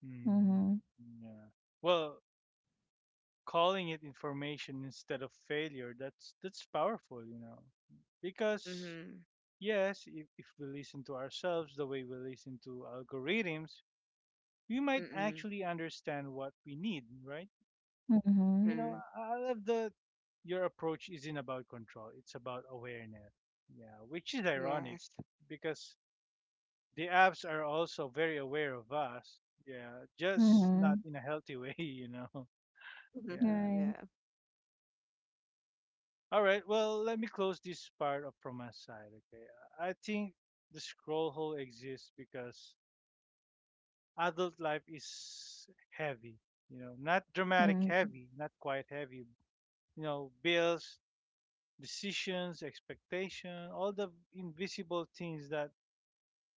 Speaker 1: Mhm.
Speaker 2: Mhm.
Speaker 1: Yeah. Well, calling it information instead of failure, that's powerful. Because
Speaker 3: Mhm.
Speaker 1: yes, if we listen to ourselves the way we listen to algorithms, we might
Speaker 3: Mm-mm.
Speaker 1: actually understand what we need, right?
Speaker 2: Mhm.
Speaker 1: you know,
Speaker 3: Mhm.
Speaker 1: I love that your approach isn't about control, it's about awareness. Yeah, which is ironic
Speaker 3: Yes.
Speaker 1: because the apps are also very aware of us. Yeah, just not
Speaker 2: Mhm.
Speaker 1: in a healthy way, . Yeah.
Speaker 3: Mhm.
Speaker 2: Right.
Speaker 3: Yeah.
Speaker 1: All right, well, let me close this part up from my side, okay? I think the scroll hole exists because adult life is heavy, not dramatic
Speaker 2: Mhm.
Speaker 3: Mhm.
Speaker 1: heavy, not quite heavy, bills, decisions, expectation, all the invisible things that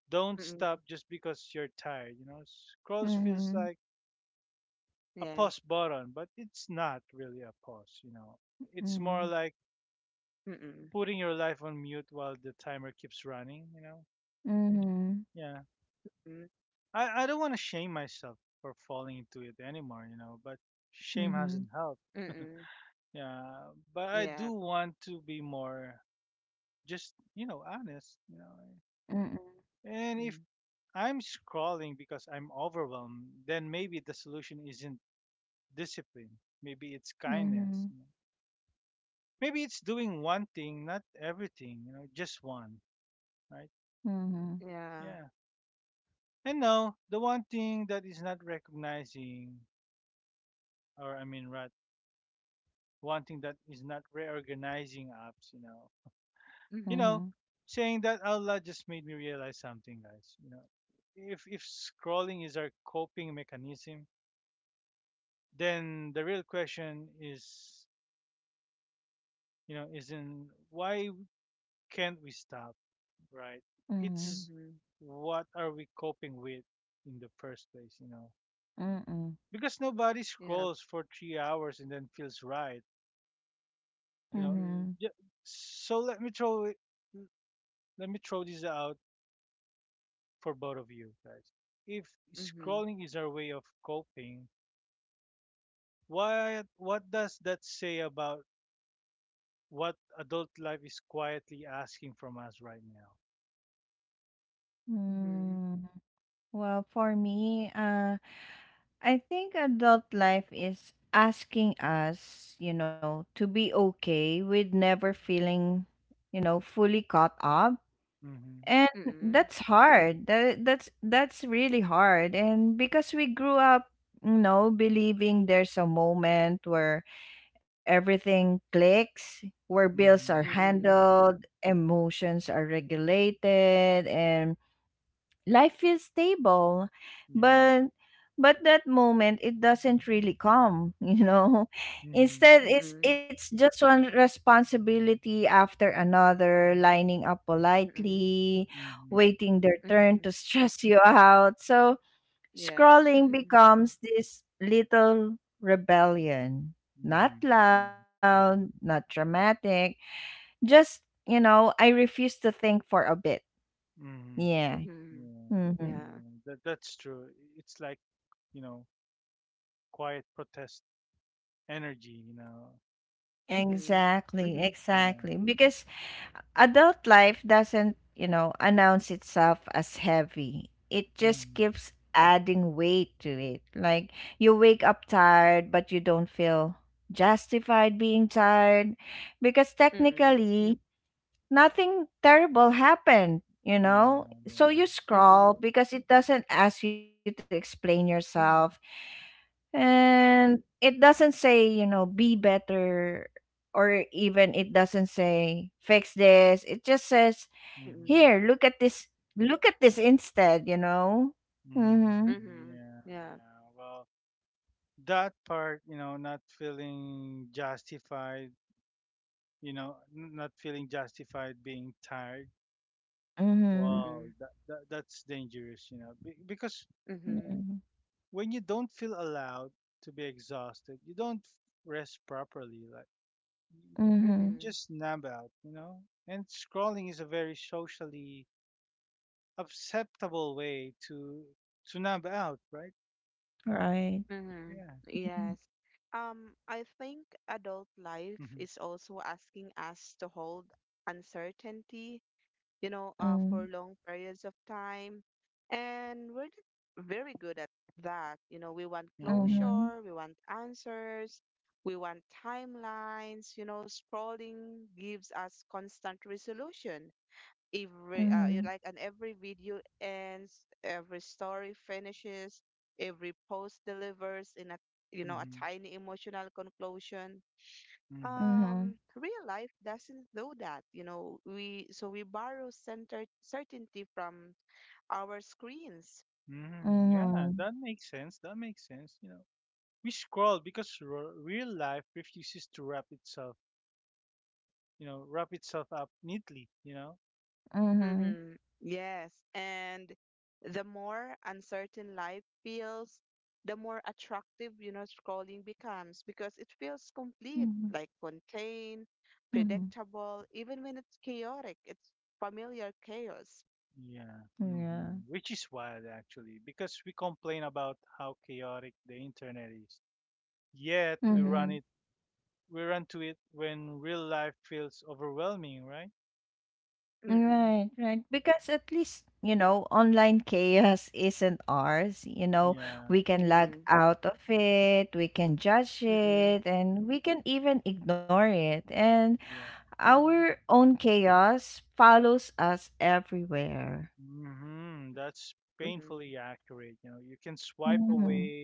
Speaker 3: Mm-mm.
Speaker 1: don't stop just because you're tired. Scrolls feels
Speaker 2: Mhm.
Speaker 1: like a
Speaker 3: Yes.
Speaker 1: pause button, but it's not really a pause. It's
Speaker 2: Mhm.
Speaker 1: more like
Speaker 3: Mm-mm.
Speaker 1: putting your life on mute while the timer keeps running. You know,
Speaker 2: Mhm.
Speaker 1: yeah.
Speaker 3: Mm.
Speaker 1: I don't want to shame myself for falling into it anymore. But shame
Speaker 2: Mhm.
Speaker 1: hasn't helped.
Speaker 3: Mm-mm.
Speaker 1: Yeah, but I do
Speaker 3: Yeah.
Speaker 1: want to be more just honest. You know,
Speaker 2: Mm-mm.
Speaker 1: and if
Speaker 3: Mm.
Speaker 1: I'm scrolling because I'm overwhelmed, then maybe the solution isn't discipline. Maybe it's
Speaker 2: Mhm.
Speaker 1: kindness. Maybe it's doing one thing, not everything, just one, right?
Speaker 2: Mhm.
Speaker 3: Yeah.
Speaker 1: Yeah. And no, the one thing that is not recognizing, or I mean, right, one thing that is not reorganizing appsyou
Speaker 2: Mhm.
Speaker 3: Mhm.
Speaker 1: know, saying that out loud just made me realize something, guys. If scrolling is our coping mechanism, then the real question is isn't why can't we stop right
Speaker 2: Mhm.
Speaker 1: it's
Speaker 3: Mhm.
Speaker 1: what are we coping with in the first place you know
Speaker 2: Mm-mm.
Speaker 1: because nobody
Speaker 3: Yeah.
Speaker 1: scrolls for 3 hours and then feels right you know
Speaker 2: Mhm.
Speaker 3: Mhm.
Speaker 1: Ju- so let me throw it let me throw this out for both of you guys if
Speaker 3: Mhm.
Speaker 1: scrolling is our way of coping why? What does that say about what adult life is quietly asking from us right now
Speaker 3: Mhm.
Speaker 2: Mm. Well, for me, I think adult life is asking us, you know, to be okay with never feeling, you know, fully caught up.
Speaker 1: mm-hmm
Speaker 2: And
Speaker 3: Mm-mm.
Speaker 2: that's hard. That's really hard. And because we grew up, you know, believing there's a moment where everything clicks, where bills are
Speaker 1: mm-hmm
Speaker 3: Mm-mm.
Speaker 2: handled, emotions are regulated, and life feels stable,
Speaker 1: yeah
Speaker 2: but that moment, it doesn't really come. You know,
Speaker 1: Mm-hmm.
Speaker 2: instead it's
Speaker 3: Mm-mm.
Speaker 2: it's just one responsibility after another lining up
Speaker 3: Mm-mm.
Speaker 2: politely,
Speaker 1: Mm-hmm.
Speaker 2: waiting their turn to
Speaker 3: Mhm.
Speaker 2: stress you out. So
Speaker 3: Yeah.
Speaker 2: scrolling
Speaker 3: Mhm.
Speaker 2: becomes this little rebellion, not
Speaker 1: Mm-hmm. Yeah.
Speaker 2: loud, not dramatic, just, you know, I refuse to think for a bit.
Speaker 1: Mm-hmm.
Speaker 2: Yeah.
Speaker 3: Mhm.
Speaker 1: Yeah.
Speaker 2: Hmm.
Speaker 3: Yeah.
Speaker 1: Yeah. That's true. It's like, you know, quiet protest energy.
Speaker 3: Mhm.
Speaker 2: Exactly,
Speaker 3: Mhm.
Speaker 1: Yeah.
Speaker 2: exactly. Because adult life doesn't, you know, announce itself as heavy. It just
Speaker 1: Mm-hmm.
Speaker 2: keeps adding weight to it. Like you wake up tired, but you don't feel justified being tired because
Speaker 3: Mm-mm.
Speaker 2: technically
Speaker 3: Yep.
Speaker 2: nothing terrible happened, you
Speaker 1: Yeah.
Speaker 2: know? So
Speaker 1: Yeah.
Speaker 2: you scroll
Speaker 3: Mhm.
Speaker 2: because it doesn't ask you to explain yourself.
Speaker 3: Mhm.
Speaker 2: And it doesn't say, you know, be better, or even it doesn't say fix this. It just says,
Speaker 1: Mm-hmm.
Speaker 3: Mm-mm.
Speaker 2: here, look at this, instead, you know? Mm-hmm.
Speaker 1: Mm-hmm.
Speaker 3: Mhm.
Speaker 1: Yeah.
Speaker 3: Yeah.
Speaker 1: Yeah. Well, that part, not feeling justified, not feeling justified being tired.
Speaker 2: Mm-hmm.
Speaker 1: Wow,
Speaker 3: Mm-mm.
Speaker 1: that's dangerous, because
Speaker 3: Mhm.
Speaker 2: Mm-hmm.
Speaker 1: when you don't feel allowed to be exhausted, you don't rest properly. Like you
Speaker 2: Mm-hmm.
Speaker 3: Mhm.
Speaker 1: just nab out. And scrolling is a very socially acceptable way to nab out, right?
Speaker 2: Right.
Speaker 3: Mm-hmm.
Speaker 1: Yeah.
Speaker 3: Yes. I think adult life
Speaker 1: Mhm.
Speaker 3: is also asking us to hold uncertainty, you know, for
Speaker 2: Mm-hmm.
Speaker 3: long periods of time. And we're not very good at that. You know, we want
Speaker 1: Mhm.
Speaker 3: closure,
Speaker 2: Mm-hmm.
Speaker 3: we want answers, we want timelines, you know, scrolling gives us constant resolution, every you
Speaker 2: Mm-hmm.
Speaker 3: like, and every video ends, every story finishes, every post delivers in a, you know, a
Speaker 1: Mhm.
Speaker 3: tiny emotional conclusion.
Speaker 1: Mhm.
Speaker 2: Mm-hmm.
Speaker 3: Real life doesn't do that, you know, we so we borrow center certainty from our screens.
Speaker 1: Mhm. Yeah,
Speaker 2: Mm-hmm.
Speaker 1: that makes sense. That makes sense. We scroll because real life refuses to wrap itself up neatly.
Speaker 2: Mm-hmm.
Speaker 3: Mm-hmm. Yes. And the more uncertain life feels, the more attractive, you know, scrolling becomes because it feels
Speaker 2: Mm-hmm.
Speaker 3: complete, like contained,
Speaker 2: Mm-hmm.
Speaker 3: predictable, even when it's chaotic. It's familiar chaos.
Speaker 1: Yeah,
Speaker 2: Yeah.
Speaker 1: which is wild actually, because we complain about how chaotic the internet is. Yet we run
Speaker 2: Mm-hmm.
Speaker 3: Mm-mm.
Speaker 1: it, we run to it when real life feels overwhelming, right?
Speaker 3: Mm-mm.
Speaker 2: Right, right. Because at least, you know, online chaos isn't ours. You know,
Speaker 1: Yeah,
Speaker 2: we can log
Speaker 3: Mm-mm.
Speaker 2: out of it, we can judge
Speaker 3: Mm-mm.
Speaker 2: it, and we can even ignore it. And
Speaker 1: yeah.
Speaker 3: Mm-mm.
Speaker 2: our own chaos follows us everywhere.
Speaker 1: That's
Speaker 3: Mm-hmm.
Speaker 1: painfully accurate. You can swipe
Speaker 2: Mm-hmm.
Speaker 1: away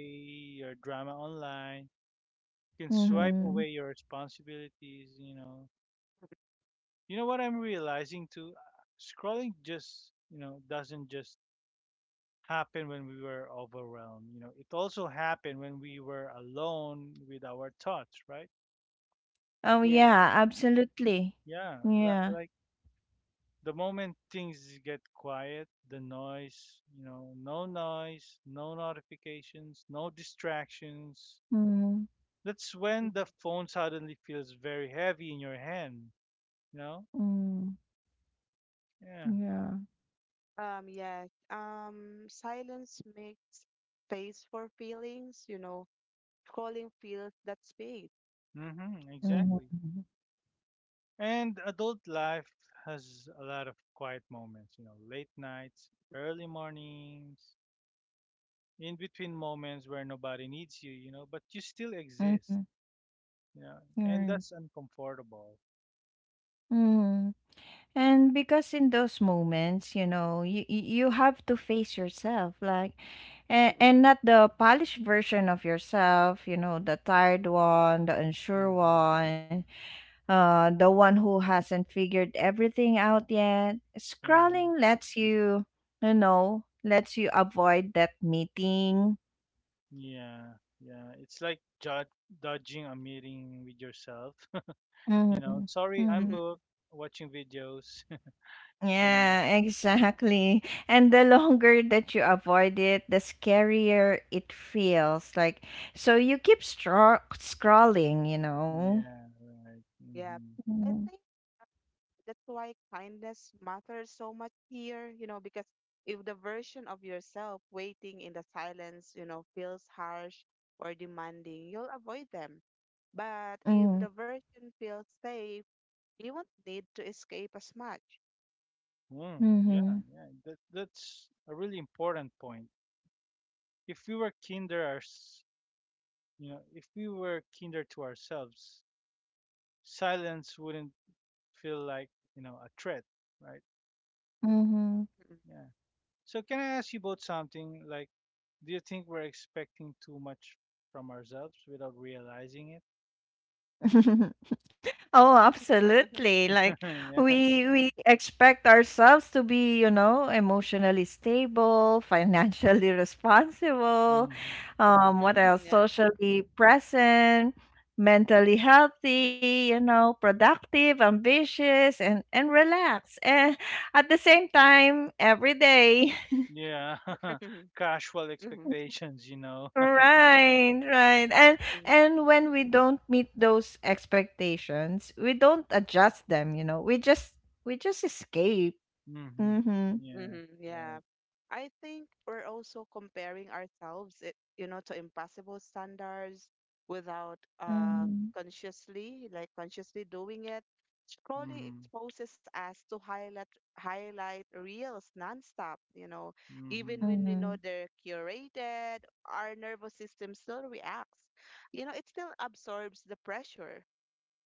Speaker 1: your drama online. You can swipe
Speaker 2: Mm-hmm.
Speaker 1: away your responsibilities. You know what I'm realizing too. Scrolling just doesn't just happened when we were overwhelmed. It also happened when we were alone with our thoughts, right?
Speaker 2: Oh,
Speaker 3: Yeah.
Speaker 2: yeah, absolutely.
Speaker 1: Yeah, li-
Speaker 2: Yeah.
Speaker 1: like the moment things get quiet, the noise, you know, no noise, no notifications, no distractions.
Speaker 2: Mm-hmm.
Speaker 1: That's when the
Speaker 3: Mm-hmm.
Speaker 1: phone suddenly feels very heavy in your hand, you know?
Speaker 2: Mm-hmm.
Speaker 1: Yeah,
Speaker 2: Yeah.
Speaker 3: Yes. Silence makes space for feelings, you know, scrolling feels that space.
Speaker 1: mm-hmm,
Speaker 2: Mm-hmm.
Speaker 1: exactly.
Speaker 2: Mm-hmm.
Speaker 1: And adult life has a lot of quiet moments, late nights, early mornings, in between moments where nobody needs you, but you still exist.
Speaker 2: Mm-hmm,
Speaker 1: Yeah. And
Speaker 2: right.
Speaker 1: that's uncomfortable.
Speaker 2: Mm-hmm. And because in those moments, you know, you have to face yourself, like,
Speaker 3: Mm-mm.
Speaker 2: and not the polished version of yourself, you know, the tired one, the unsure
Speaker 1: hmm
Speaker 2: one, the one who hasn't figured everything out yet.
Speaker 1: hmm
Speaker 2: Scrolling lets you, you know, lets you avoid that meeting.
Speaker 1: Yeah. Yeah. It's like dodging a meeting with yourself. you
Speaker 2: Mm-hmm.
Speaker 1: know, sorry, I'm
Speaker 2: Mm-hmm.
Speaker 3: Mm-hmm.
Speaker 1: booked watching videos. yeah.
Speaker 2: Yeah, exactly. And the longer that you avoid it, the scarier it feels. Like so you keep scrolling, you know.
Speaker 1: Yeah. Right.
Speaker 3: Yeah, I
Speaker 2: Mm-hmm.
Speaker 3: think that's why kindness matters so much here, you know, because if the version of yourself waiting in the silence, you know, feels harsh or demanding, you'll avoid them. But if the version feels safe, you won't need to escape as much.
Speaker 1: Mm, yeah.
Speaker 2: Mm-hmm.
Speaker 1: Yeah. That's a really important point. If we were kinder to ourselves, silence wouldn't feel like a threat, right?
Speaker 2: Mm-hmm.
Speaker 3: Mhm.
Speaker 1: Yeah. So can I ask you both something? Like, do you think we're expecting too much from ourselves without realizing it?
Speaker 2: Oh, absolutely. Like
Speaker 1: yeah.
Speaker 2: we we expect ourselves to be, you know, emotionally stable, financially responsible,
Speaker 1: hmm
Speaker 2: what
Speaker 3: Mhm,
Speaker 2: else?
Speaker 3: yeah.
Speaker 2: Socially present, mentally healthy, you know, productive, ambitious, and relaxed. And at the same time, every day.
Speaker 1: Yeah. Casual expectations.
Speaker 2: Right, right. And and when we don't meet those expectations, we don't adjust them, you know. We just escape.
Speaker 1: hmm
Speaker 2: Mhm.
Speaker 3: Mm-hmm,
Speaker 1: Yeah.
Speaker 3: yeah.
Speaker 1: Right.
Speaker 3: I think we're also comparing ourselves, it, you know, to impossible standards without
Speaker 2: Mhm.
Speaker 3: consciously, like consciously doing it. Scrolling
Speaker 1: hmm
Speaker 3: exposes us to highlight reels nonstop, you know,
Speaker 1: hmm
Speaker 3: even when we
Speaker 2: Mhm.
Speaker 3: know they're curated, our nervous system still reacts. You know, it still absorbs the pressure.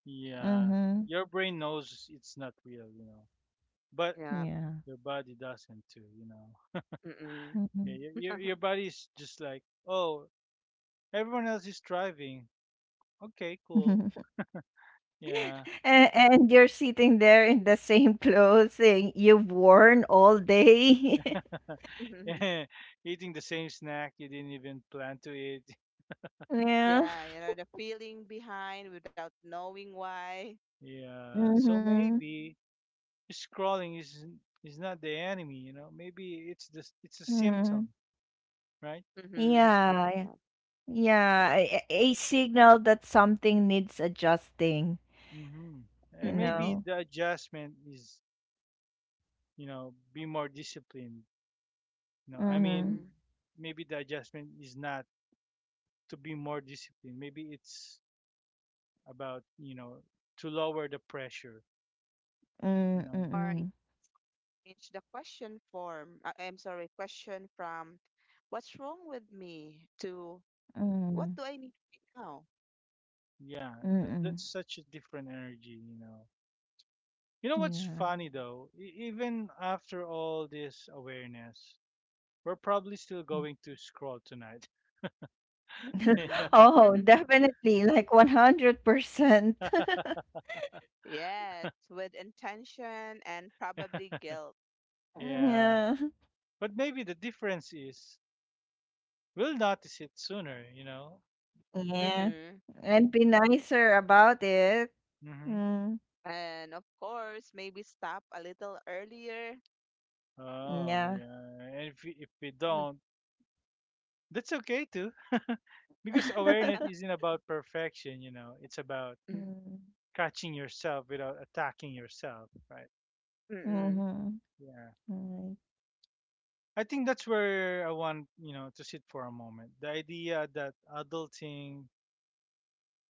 Speaker 1: Yeah.
Speaker 2: Mhm.
Speaker 1: Your brain knows it's not real, but
Speaker 3: Yeah.
Speaker 2: Yeah.
Speaker 1: your body doesn't too.
Speaker 3: Mm-mm.
Speaker 1: Yeah,
Speaker 2: Mhm.
Speaker 1: your body's just like, oh, everyone else is driving. Okay, cool. Yeah.
Speaker 2: And you're sitting there in the same clothing you've worn all day.
Speaker 1: Eating the same snack you didn't even plan to eat.
Speaker 2: Yeah.
Speaker 3: Yeah, you know, the feeling behind without knowing why.
Speaker 1: Yeah. So
Speaker 2: Mhm.
Speaker 1: maybe scrolling is not the enemy. Maybe it's a symptom,
Speaker 2: Mhm.
Speaker 1: right?
Speaker 3: Mm-hmm.
Speaker 2: Yeah. Yeah.
Speaker 3: Yep.
Speaker 2: Yeah, a signal that something needs adjusting,
Speaker 1: hmm
Speaker 2: you
Speaker 1: And
Speaker 3: Mm-mm.
Speaker 1: maybe
Speaker 2: know.
Speaker 1: the adjustment is be more disciplined. You know, I
Speaker 2: Mhm.
Speaker 1: mean,
Speaker 3: Mm-hmm.
Speaker 1: maybe the adjustment is not to be more disciplined. Maybe it's about to lower the pressure, you
Speaker 2: Mm,
Speaker 1: know.
Speaker 3: Or you
Speaker 2: mm.
Speaker 3: change the question form. I'm sorry, question from what's wrong with me to what
Speaker 2: Mm,
Speaker 3: do I need right now?
Speaker 1: Yeah, that,
Speaker 2: mm.
Speaker 1: that's such a different energy. You know what's
Speaker 2: Yeah.
Speaker 1: funny though? Even after all this awareness, we're probably still
Speaker 2: Mm.
Speaker 1: going to scroll tonight.
Speaker 3: Mm-mm.
Speaker 2: Oh, definitely, like 100%.
Speaker 3: Yes, with intention and probably guilt.
Speaker 1: yeah.
Speaker 2: Yeah.
Speaker 1: But maybe the difference is we'll notice it sooner?
Speaker 2: Yeah.
Speaker 3: Mm-hmm.
Speaker 2: And be nicer about it.
Speaker 1: Mm-hmm.
Speaker 2: Mm.
Speaker 3: And of course, maybe stop a little earlier.
Speaker 1: Oh,
Speaker 2: Yeah.
Speaker 1: yeah. And if we
Speaker 3: Mm.
Speaker 1: don't, that's okay too. because awareness isn't about perfection? It's about
Speaker 3: Mm.
Speaker 2: Mm.
Speaker 1: catching yourself without attacking yourself, right?
Speaker 3: Mm-mm.
Speaker 2: Mhm.
Speaker 1: Yeah.
Speaker 2: Right.
Speaker 1: I think that's where I want to sit for a moment. The idea that adulting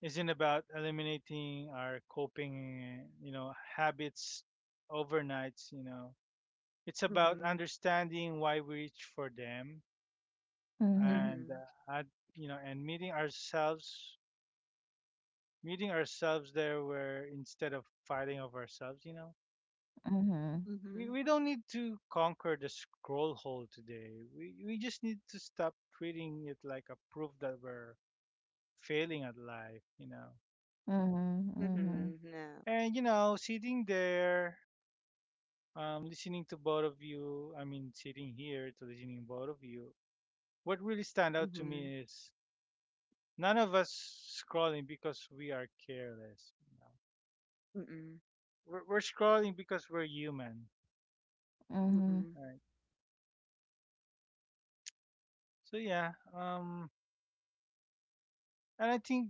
Speaker 1: isn't about eliminating our coping, habits overnight. It's about
Speaker 3: Mm-hmm.
Speaker 1: understanding why we reach for them
Speaker 2: Mhm.
Speaker 1: and
Speaker 3: Mm-hmm.
Speaker 1: uh, and, and meeting ourselves there where instead of fighting of ourselves.
Speaker 2: Mhm.
Speaker 3: Mm.
Speaker 1: We,
Speaker 3: Mhm.
Speaker 1: we don't need to conquer the scroll hole today. We just need to stop treating it like a proof that we're failing at life.
Speaker 2: Mhm. Mhm.
Speaker 3: Mhm, yeah.
Speaker 1: And sitting there listening to both of you, I mean, sitting here to listening both of you, what really stand out to
Speaker 3: Mhm.
Speaker 1: me is none of us scrolling because we are careless.
Speaker 3: Mm-mm.
Speaker 1: We're scrolling because we're human,
Speaker 2: Mhm.
Speaker 3: Mm-mm.
Speaker 1: right? So yeah, and I think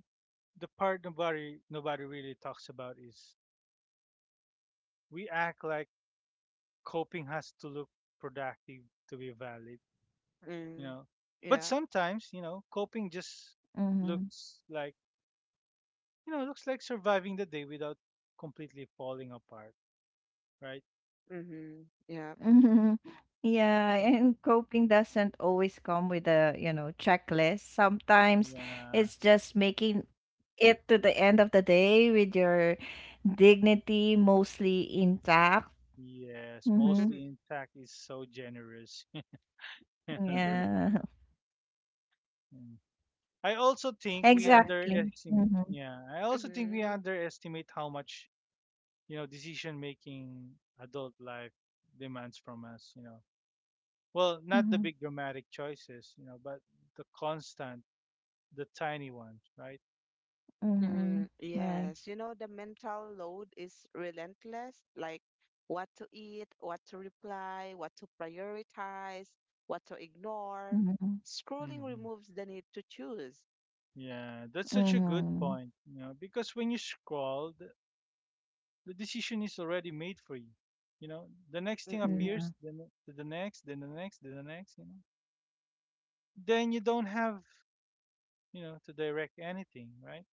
Speaker 1: the part nobody really talks about is we act like coping has to look productive to be valid, you
Speaker 3: Mm.
Speaker 1: know. But
Speaker 3: Yeah.
Speaker 1: sometimes, you know, coping
Speaker 2: Mhm.
Speaker 1: just looks like looks like surviving the day without completely falling apart, right?
Speaker 3: Mhm.
Speaker 2: Mhm.
Speaker 3: Yeah.
Speaker 2: Yeah, and coping doesn't always come with a, you know, checklist. Sometimes it's
Speaker 1: Yeah,
Speaker 2: just making it to the end of the day with your dignity mostly intact.
Speaker 1: yes,
Speaker 2: Mm-hmm.
Speaker 1: mostly intact is so generous.
Speaker 2: Yeah,
Speaker 1: Mm. I also think we
Speaker 3: Uh,
Speaker 2: exactly.
Speaker 1: underestimate.
Speaker 2: Mm-hmm.
Speaker 1: Yeah, I also think we
Speaker 3: mhm.
Speaker 1: underestimate how much you know decision making adult life demands from us. You know, well, not the
Speaker 2: Mm-hmm.
Speaker 1: big dramatic choices, you know, but the constant, the tiny ones, right?
Speaker 2: Mm-hmm. Mm-hmm.
Speaker 3: Mhm.
Speaker 2: Right.
Speaker 3: Yes, you know, the mental load is relentless, like what to eat, what to reply, what to prioritize, what to ignore.
Speaker 2: Mm-hmm.
Speaker 3: Scrolling
Speaker 1: hmm
Speaker 3: removes the need to choose.
Speaker 1: Yeah, that's such a good
Speaker 2: Mm-hmm.
Speaker 1: point. You know, because when you scroll, the decision is already made for you. You know, the next thing
Speaker 3: Mm-mm.
Speaker 2: Yeah.
Speaker 1: appears, then the next, then the next, then the next, you know. Then you don't have to direct anything, right?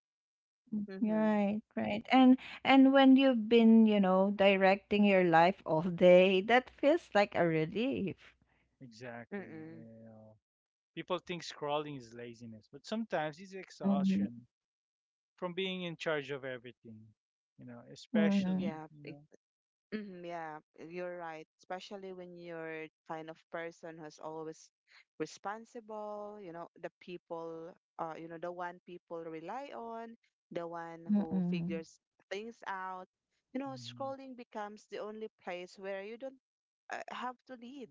Speaker 3: Mhm.
Speaker 2: Right, right. And when you've been, you know, directing your life all day, that feels like a relief.
Speaker 1: Exactly.
Speaker 3: Mm-mm.
Speaker 1: You know, people think scrolling is laziness, but sometimes it's
Speaker 2: Mm-hmm.
Speaker 1: exhaustion from being in charge of everything, you know,
Speaker 2: Mm-hmm.
Speaker 1: especially,
Speaker 3: Yeah,
Speaker 1: you
Speaker 3: e
Speaker 1: know.
Speaker 3: mhm, yeah, you're right. Especially when you're kind of person who's always responsible, you know, the people, you know, the one people rely on, the one who
Speaker 2: Mm-hmm.
Speaker 3: figures things out. You know,
Speaker 1: Hmm
Speaker 3: scrolling becomes the only place where you don't have to lead.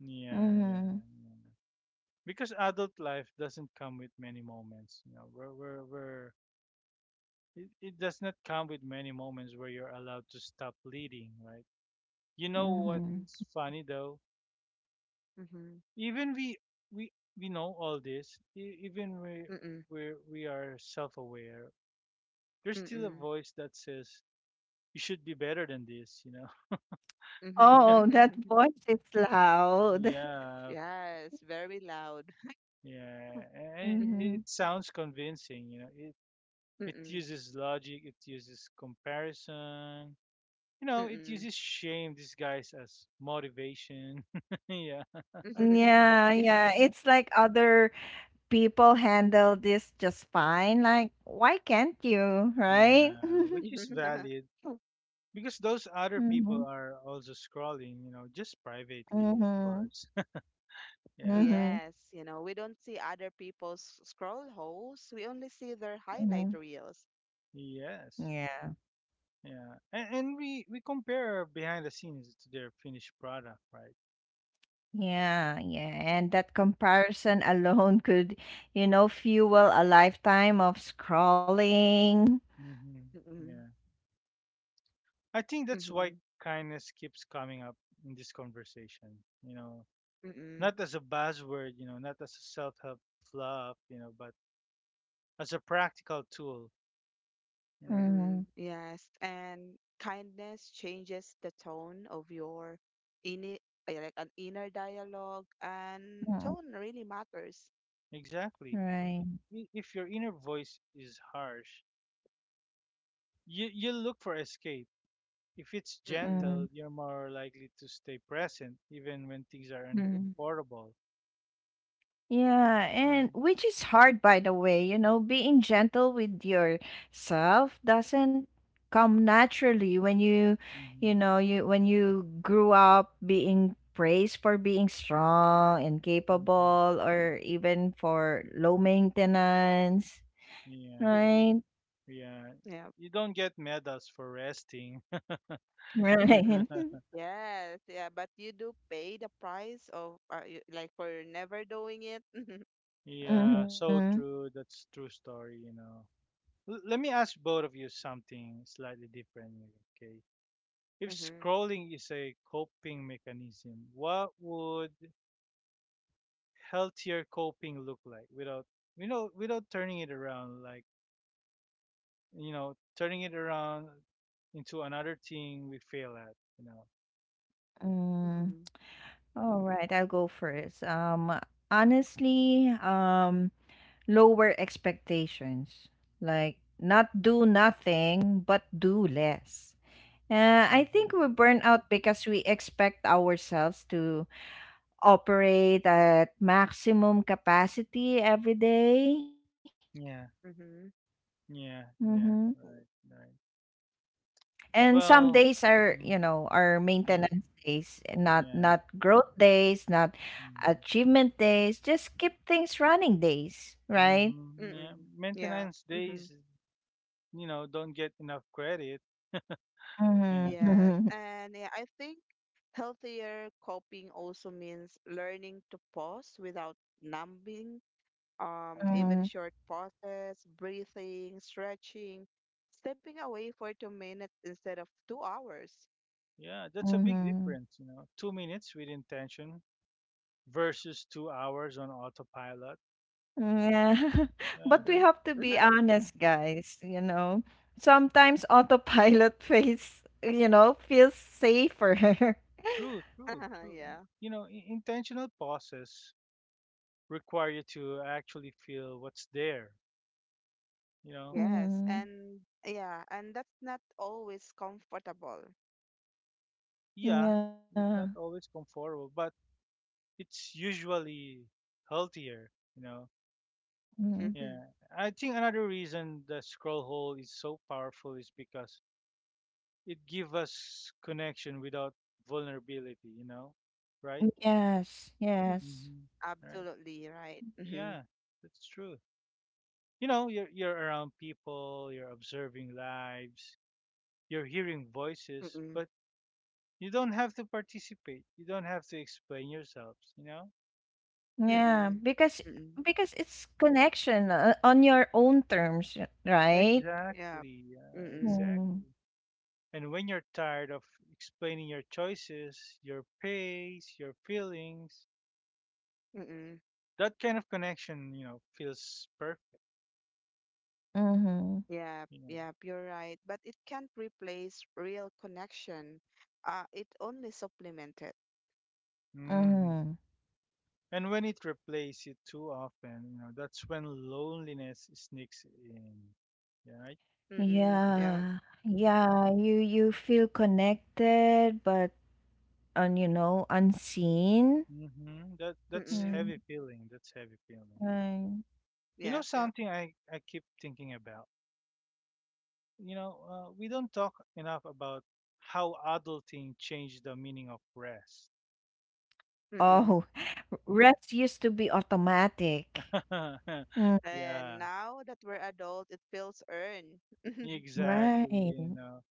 Speaker 1: Yeah, yeah,
Speaker 2: Mm-hmm.
Speaker 1: yeah. Because adult life doesn't come with many moments, you know, it does not come with many moments where you're allowed to stop bleeding, right? You know
Speaker 2: Mm-hmm.
Speaker 3: Mm-hmm.
Speaker 1: what's funny though?
Speaker 3: Mm-hmm.
Speaker 1: Even we we we know all this. e- Even we
Speaker 3: Mm-mm.
Speaker 1: we we are self-aware. There's still a
Speaker 3: Mm-mm.
Speaker 1: voice that says you should be better than this, you know.
Speaker 2: Oh,
Speaker 3: Mm-hmm.
Speaker 2: that voice is loud.
Speaker 1: Yeah,
Speaker 3: Yes, very loud.
Speaker 1: yeah.
Speaker 3: Mm,
Speaker 2: Mm-hmm.
Speaker 1: It sounds convincing, you know. It uses logic, it uses comparison, you know, it
Speaker 3: Mm-mm.
Speaker 1: uses shame disguised as motivation. yeah.
Speaker 3: Mm-mm.
Speaker 2: Yeah, yeah. It's like other people handle this just fine. Like, why can't you, right?
Speaker 1: Yeah, which is
Speaker 3: Yeah.
Speaker 1: valid because those other
Speaker 2: Mm-hmm.
Speaker 1: people are also scrolling, you know, just privately, of
Speaker 2: Mm-hmm.
Speaker 1: course. Yeah.
Speaker 2: Mm-hmm.
Speaker 3: Yes, you know, we don't see other people's scroll holes. We only see their highlight
Speaker 2: Mm-hmm.
Speaker 3: reels.
Speaker 1: Yes.
Speaker 2: Yeah.
Speaker 1: Yeah. And we compare behind the scenes to their finished product, right?
Speaker 2: Yeah, yeah. And that comparison alone could, you know, fuel a lifetime of scrolling.
Speaker 1: Mm-hmm.
Speaker 3: Mm-mm,
Speaker 1: Yeah. I think that's why
Speaker 3: mm-mm,
Speaker 1: kindness keeps coming up in this conversation. You know,
Speaker 3: mm-mm,
Speaker 1: not as a buzzword, you know, not as a self-help fluff, you know, but as a practical tool. You know,
Speaker 2: Mm,
Speaker 3: mm-mm. Yes, and kindness changes the tone of your inner, like an inner dialogue, and
Speaker 2: mm,
Speaker 3: tone really matters.
Speaker 1: exactly.
Speaker 2: right.
Speaker 1: If your inner voice is harsh, you look for escape. If it's
Speaker 3: Mm-mm,
Speaker 2: Mm,
Speaker 1: gentle, you're more likely to stay present even when things are
Speaker 2: mm.
Speaker 3: mm-mm,
Speaker 1: uncomfortable.
Speaker 2: Yeah, and
Speaker 1: Uh,
Speaker 2: which is hard, by the way, you know, being gentle with yourself doesn't come naturally when you
Speaker 1: mhm,
Speaker 2: know, you when you grew up being praised for being strong and
Speaker 1: mhm.
Speaker 2: capable or even for low maintenance.
Speaker 1: Yeah,
Speaker 3: mm-mm.
Speaker 2: Right,
Speaker 1: yeah.
Speaker 3: Yeah.
Speaker 1: You don't get medals for resting.
Speaker 2: right.
Speaker 3: Yes, yeah, but you do pay the price of like for never doing it.
Speaker 1: Yeah,
Speaker 2: Mhm,
Speaker 1: so true. That's true story, you know. L Let me ask both of you something slightly different, here, okay? If
Speaker 3: Mm-hmm,
Speaker 1: scrolling is a coping mechanism, what would healthier coping look like without, you know, without turning it around like you know, turning it around into another thing we fail at, you know.
Speaker 2: mm.
Speaker 3: mm-hmm,
Speaker 2: Alright, I'll go first. Honestly, lower expectations. Like, not do nothing, but do less. I think
Speaker 1: Hmm
Speaker 2: we
Speaker 3: mm-hmm.
Speaker 2: burn out because we expect ourselves to operate at maximum capacity every day.
Speaker 1: Yeah,
Speaker 3: Mhm.
Speaker 2: Mm-hmm.
Speaker 1: yeah, yeah,
Speaker 3: Oh,
Speaker 1: right, right.
Speaker 2: And some days are,
Speaker 1: Well,
Speaker 2: you know,
Speaker 1: hmm
Speaker 2: are maintenance
Speaker 1: yeah,
Speaker 2: days, and not
Speaker 1: yeah.
Speaker 2: growth days, not
Speaker 1: Mm-hmm,
Speaker 2: achievement days, just keep things running days, right?
Speaker 1: mm-hmm. Yeah.
Speaker 3: Mm-mm. Yeah.
Speaker 1: Maintenance
Speaker 3: Mhm.
Speaker 1: days, you know, don't get enough credit. Yeah,
Speaker 3: Yes.
Speaker 2: Mm-hmm.
Speaker 3: And yeah, I think healthier coping also means learning to pause without numbing, even short pauses, breathing, stretching, stepping away for 2 minutes instead of 2 hours.
Speaker 1: yeah, that's a
Speaker 2: Mm-hmm.
Speaker 1: big
Speaker 2: Mm-hmm.
Speaker 1: difference, you know. 2 minutes with intention versus 2 hours on autopilot.
Speaker 2: Yeah.
Speaker 1: Yeah,
Speaker 2: But we
Speaker 3: Mhm.
Speaker 2: have to be honest, guys, you know. Sometimes autopilot you know, feels safer.
Speaker 1: true, true, true.
Speaker 3: Yeah.
Speaker 1: You know, intentional pauses require you to actually feel what's there, you know.
Speaker 3: Yes.
Speaker 2: Mm.
Speaker 3: And yeah, and that's not always comfortable.
Speaker 1: Yeah,
Speaker 2: Yeah.
Speaker 1: it's not always comfortable but it's usually healthier, you know.
Speaker 2: Mm.
Speaker 1: Yeah, I think another reason the scroll hole is so powerful is because it gives us connection without vulnerability, you know, right.
Speaker 2: Yes, yes.
Speaker 1: hmm right,
Speaker 3: Absolutely right. Mm-hmm.
Speaker 1: yeah, that's true. You know, you're around people, you're observing lives, you're hearing voices, but you don't have to participate, you don't have to explain yourselves, you know.
Speaker 2: Yeah,
Speaker 3: Mm-mm. Mm-mm.
Speaker 2: because it's connection on your own terms, right?
Speaker 3: Yeah.
Speaker 1: Exactly, yeah,
Speaker 3: Mm-mm.
Speaker 2: Mm.
Speaker 1: exactly. And when you're tired of explaining your choices, your pace, your feelings,
Speaker 3: Mm-mm.
Speaker 1: that kind of connection, you know, feels perfect.
Speaker 2: Mhm.
Speaker 3: Yeah,
Speaker 1: Yeah.
Speaker 3: yeah, you're right. But it can't replace real connection. It only supplement it.
Speaker 1: hmm
Speaker 2: Mhm.
Speaker 1: And when it replaces it too often, you know, that's when loneliness sneaks in. Yeah, right?
Speaker 3: Mm-mm. Yeah.
Speaker 2: Yeah. Yeah, you feel connected but you know, unseen.
Speaker 1: Mm-hmm. That's
Speaker 3: Mm-mm.
Speaker 2: Mm.
Speaker 1: heavy feeling. That's heavy feeling.
Speaker 2: Right.
Speaker 1: You know
Speaker 3: Yeah, yeah.
Speaker 1: something I keep thinking about. You know, we don't talk enough about how adulting changed the meaning of rest.
Speaker 3: Mm-mm.
Speaker 2: Oh, rest used to be automatic. Mm.
Speaker 3: And
Speaker 1: yeah,
Speaker 3: now that we're adult, it feels earned.
Speaker 1: exactly.
Speaker 2: Right.
Speaker 1: You know,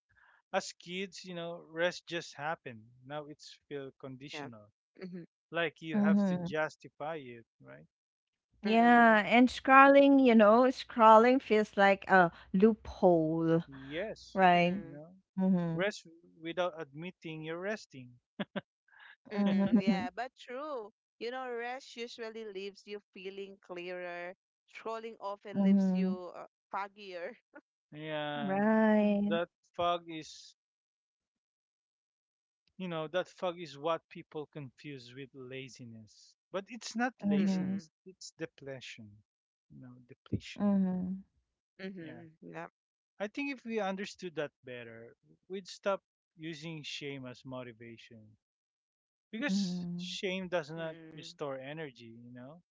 Speaker 1: as kids, you know, rest just happened. Now it's feel
Speaker 3: Yeah.
Speaker 1: conditional,
Speaker 3: Mm-hmm.
Speaker 1: like you have to
Speaker 2: Mhm.
Speaker 1: justify it, right?
Speaker 2: Yeah,
Speaker 3: Mm-mm.
Speaker 2: and scrolling, you know, scrolling feels like a loophole.
Speaker 1: Yes,
Speaker 2: Right.
Speaker 1: you
Speaker 3: Mm-mm.
Speaker 1: know,
Speaker 2: Mhm.
Speaker 1: rest without admitting you're resting,
Speaker 2: Mhm,
Speaker 3: Mm-mm.
Speaker 2: mhm,
Speaker 3: Yeah, but true. You know, rest usually leaves you feeling clearer. Scrolling often leaves
Speaker 2: mhm.
Speaker 3: you foggier.
Speaker 1: and
Speaker 2: Right.
Speaker 1: that fog is that fog is what people confuse with laziness. But it's not
Speaker 3: Mm.
Speaker 2: Mhm.
Speaker 3: Mm-mm.
Speaker 1: laziness, it's depletion. You know, depletion.
Speaker 2: Mhm.
Speaker 1: Yeah.
Speaker 3: Mhm. Yep.
Speaker 1: I think if we understood that better, we'd stop using shame as motivation. Because
Speaker 2: Mhm.
Speaker 1: shame does not
Speaker 3: Mm.
Speaker 1: restore energy, you know?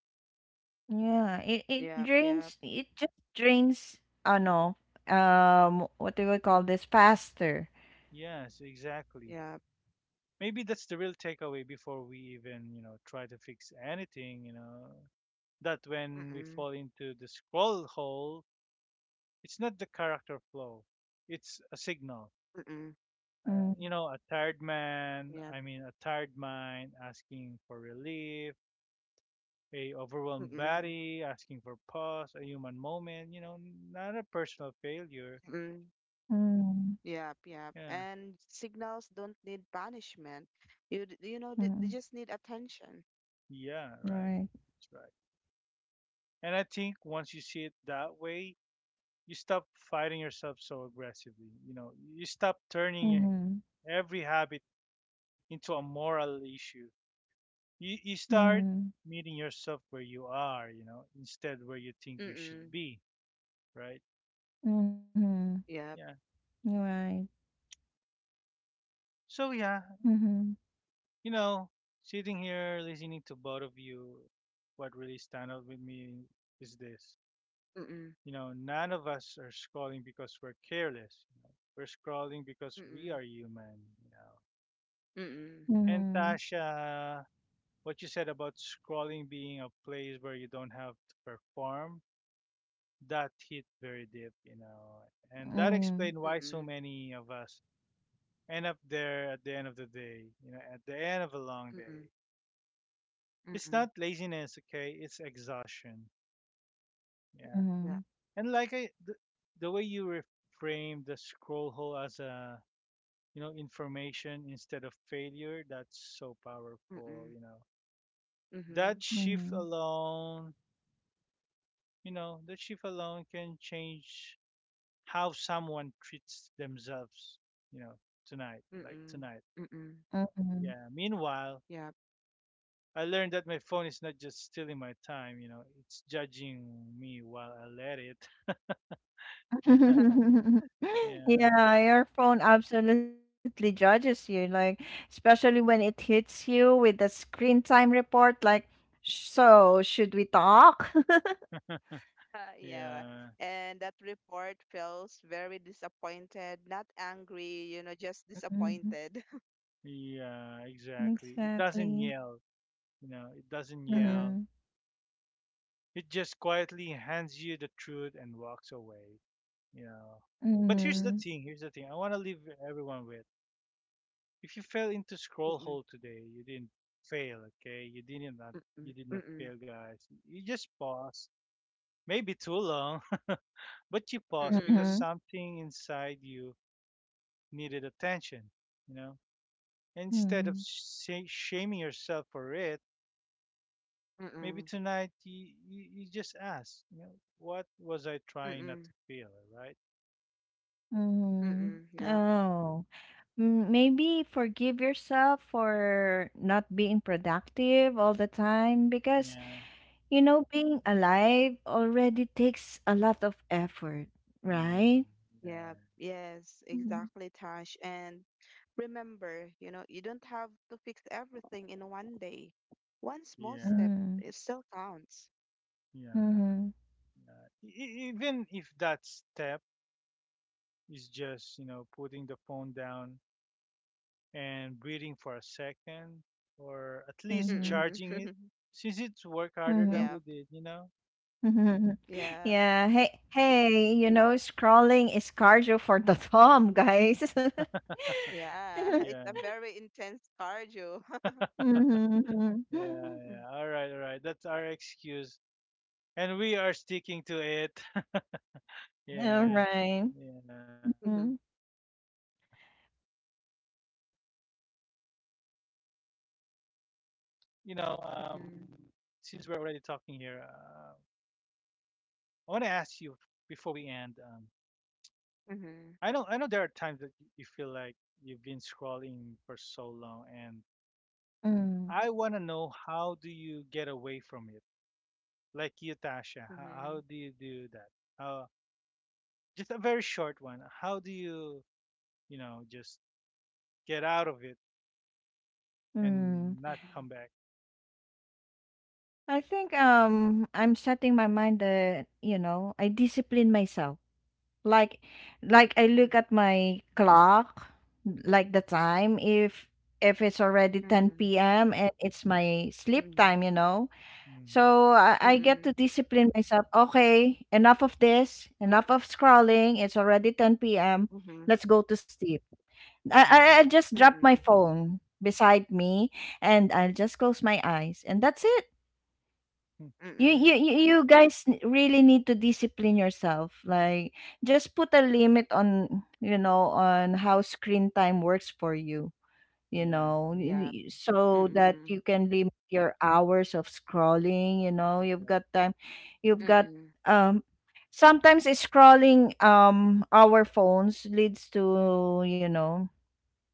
Speaker 2: Yeah, it
Speaker 3: Yep. Yep.
Speaker 2: drains it just drains ano, what do we call this? Faster.
Speaker 1: Yes, exactly.
Speaker 3: Yep.
Speaker 1: Maybe that's the real takeaway before we even, you know, try to fix anything, you know. That when we
Speaker 3: Mm.
Speaker 1: fall into the scroll hole, it's not the character flaw, it's a signal,
Speaker 3: Mm.
Speaker 2: Mm.
Speaker 1: you know, a tired man
Speaker 3: Yep.
Speaker 1: I mean a tired mind asking for relief, a overwhelmed
Speaker 3: Mm.
Speaker 1: body asking for pause, a human moment, you know, not a personal failure.
Speaker 3: Mm.
Speaker 2: Mm.
Speaker 3: Yep. Yep.
Speaker 1: Yeah,
Speaker 3: And signals don't need punishment. You know they
Speaker 2: Mm.
Speaker 3: just need attention.
Speaker 1: yeah, right,
Speaker 2: Right.
Speaker 1: that's right. And I think once you see it that way, you stop fighting yourself so aggressively, you know, you stop
Speaker 2: Mhm.
Speaker 1: every habit into a moral issue. You start
Speaker 2: Mhm.
Speaker 1: meeting yourself where you are, you know, instead where you think you should
Speaker 3: Mm.
Speaker 1: be, right?
Speaker 2: Mhm.
Speaker 3: Yep.
Speaker 1: Yeah.
Speaker 2: Right.
Speaker 1: So yeah,
Speaker 2: Mhm.
Speaker 1: you know, sitting here listening to both of you, what really stand out with me is this.
Speaker 3: Mm.
Speaker 1: You know, none of us are scrolling because we're careless. You know? We're scrolling because we
Speaker 3: Mm.
Speaker 1: are human, you know.
Speaker 3: Mm.
Speaker 1: And
Speaker 2: Mhm.
Speaker 1: Tasha, what you said about scrolling being a place where you don't have to perform, that hit very deep, you know, and that
Speaker 2: Mhm.
Speaker 1: explained why so
Speaker 3: Mm.
Speaker 1: many of us end up there at the end of the day, you know, at the end of a long
Speaker 3: Mm.
Speaker 1: day. It's
Speaker 3: Mm.
Speaker 1: not laziness, okay? It's exhaustion. Yeah.
Speaker 3: Yep.
Speaker 2: Mhm.
Speaker 1: And like the way you reframe the scroll hole as a, you know, information instead of failure, that's so powerful,
Speaker 3: Mm.
Speaker 1: you know. That
Speaker 3: Mhm.
Speaker 2: Mhm.
Speaker 1: shift alone, you know, that shift alone can change how someone treats themselves, you know, tonight, like
Speaker 3: Mm.
Speaker 1: tonight.
Speaker 3: Mm.
Speaker 2: Mhm.
Speaker 1: Yeah. Meanwhile,
Speaker 3: Yep.
Speaker 1: I learned that my phone is not just stealing my time, you know, it's judging me while I let it. yeah,
Speaker 2: Yeah, your phone absolutely judges you, like especially when it hits you with the screen time report, like, so should we talk?
Speaker 3: Yeah.
Speaker 1: yeah,
Speaker 3: And that report feels very disappointed, not angry, you know, just
Speaker 2: Mhm.
Speaker 3: disappointed.
Speaker 1: yeah, exactly. It
Speaker 2: Exactly.
Speaker 1: doesn't yell, you know, it doesn't
Speaker 2: Mm-hmm.
Speaker 3: Mm,
Speaker 1: yell. It just quietly hands you the truth and walks away, you know.
Speaker 3: mm,
Speaker 1: But here's the
Speaker 2: Mm-hmm.
Speaker 3: mm,
Speaker 1: thing, here's the thing. I want to leave everyone with: if you fell into scroll
Speaker 3: mm,
Speaker 1: hole today, you didn't fail, okay?
Speaker 3: mm,
Speaker 1: You did
Speaker 3: mm,
Speaker 1: not
Speaker 3: mm,
Speaker 1: fail, guys. You just paused, maybe too long, but you
Speaker 3: mm,
Speaker 1: paused because
Speaker 2: Mm-hmm.
Speaker 3: mm.
Speaker 1: something inside you needed attention, you know? Instead
Speaker 2: Mm-hmm.
Speaker 1: of shaming yourself for it, maybe
Speaker 3: Mm
Speaker 1: tonight you just ask, you know, what was I trying not to
Speaker 3: mm
Speaker 1: feel, right?
Speaker 2: Mm-hmm.
Speaker 3: mm. Yeah,
Speaker 2: Oh, mm, maybe forgive yourself for not being productive all the time because
Speaker 1: Yeah,
Speaker 2: you know, being alive already takes a lot of effort,
Speaker 1: yeah,
Speaker 2: right?
Speaker 3: yeah,
Speaker 1: yeah,
Speaker 3: yes,
Speaker 2: Mhm.
Speaker 3: exactly, Tash. And remember, you know, you don't have to fix everything in one day. One small
Speaker 1: yeah,
Speaker 3: step,
Speaker 2: Mhm.
Speaker 3: it still counts.
Speaker 1: yeah.
Speaker 2: Mhm.
Speaker 1: Yeah. Even if that step is just, you know, putting the phone down and breathing for a second, or at least
Speaker 2: Mhm.
Speaker 3: Mm-mm.
Speaker 1: charging it since it's work harder than
Speaker 2: Mhm.
Speaker 3: Yeah,
Speaker 1: we did, you know?
Speaker 2: Mhm.
Speaker 3: yeah,
Speaker 2: Yeah. Hey, hey, you know, scrolling is cardio for the thumb, guys.
Speaker 3: yeah. It's a
Speaker 1: Yeah,
Speaker 3: very intense cardio.
Speaker 2: Mhm.
Speaker 1: yeah, yeah. All right, all right. That's our excuse. And we are sticking to it.
Speaker 2: All
Speaker 1: yeah,
Speaker 2: right.
Speaker 1: yeah.
Speaker 3: Mm,
Speaker 2: Mhm.
Speaker 3: mhm,
Speaker 1: So, yeah, well, you know, since we're already talking here,
Speaker 3: mhm,
Speaker 1: I want to ask you before we end. I know there are times that you feel like you've been scrolling for so long and
Speaker 2: Mhm.
Speaker 1: I want to know, how do you get away from it? Like you, Tasha, how
Speaker 3: mhm,
Speaker 1: do you do that? Uh, just a very short one. How do you, you know, just get out of it
Speaker 2: Mhm.
Speaker 1: and not
Speaker 3: mhm,
Speaker 1: come back?
Speaker 2: I think I'm setting my mind that, you know, I discipline myself. Like like I look at my clock, like the time, if it's already
Speaker 3: mhm, mhm, mhm,
Speaker 2: 10 p.m. and it's my sleep
Speaker 3: mhm,
Speaker 2: time, you know.
Speaker 1: Hmm
Speaker 2: So I,
Speaker 3: mhm,
Speaker 2: I get to
Speaker 3: mhm,
Speaker 2: discipline myself. Okay, enough of this, enough of scrolling. It's already 10 p.m.
Speaker 3: mhm.
Speaker 2: Let's go to sleep. I, I
Speaker 1: hmm
Speaker 2: I just drop my
Speaker 3: Mhm.
Speaker 2: phone beside me, and I'll just close my eyes, and that's it. you you
Speaker 3: Mm-mm.
Speaker 2: you you guys really need to discipline yourself, like just put a limit on, you know, on how screen time works for you, you
Speaker 1: Yeah.
Speaker 2: know.
Speaker 3: Yeah.
Speaker 1: Mhm.
Speaker 2: So that you
Speaker 3: Mm-mm.
Speaker 2: can limit your hours of scrolling, you know, you've
Speaker 1: Yeah.
Speaker 2: got time, you've got,
Speaker 3: Mm-mm.
Speaker 2: um, sometimes it's scrolling, um, our phones leads to, you know,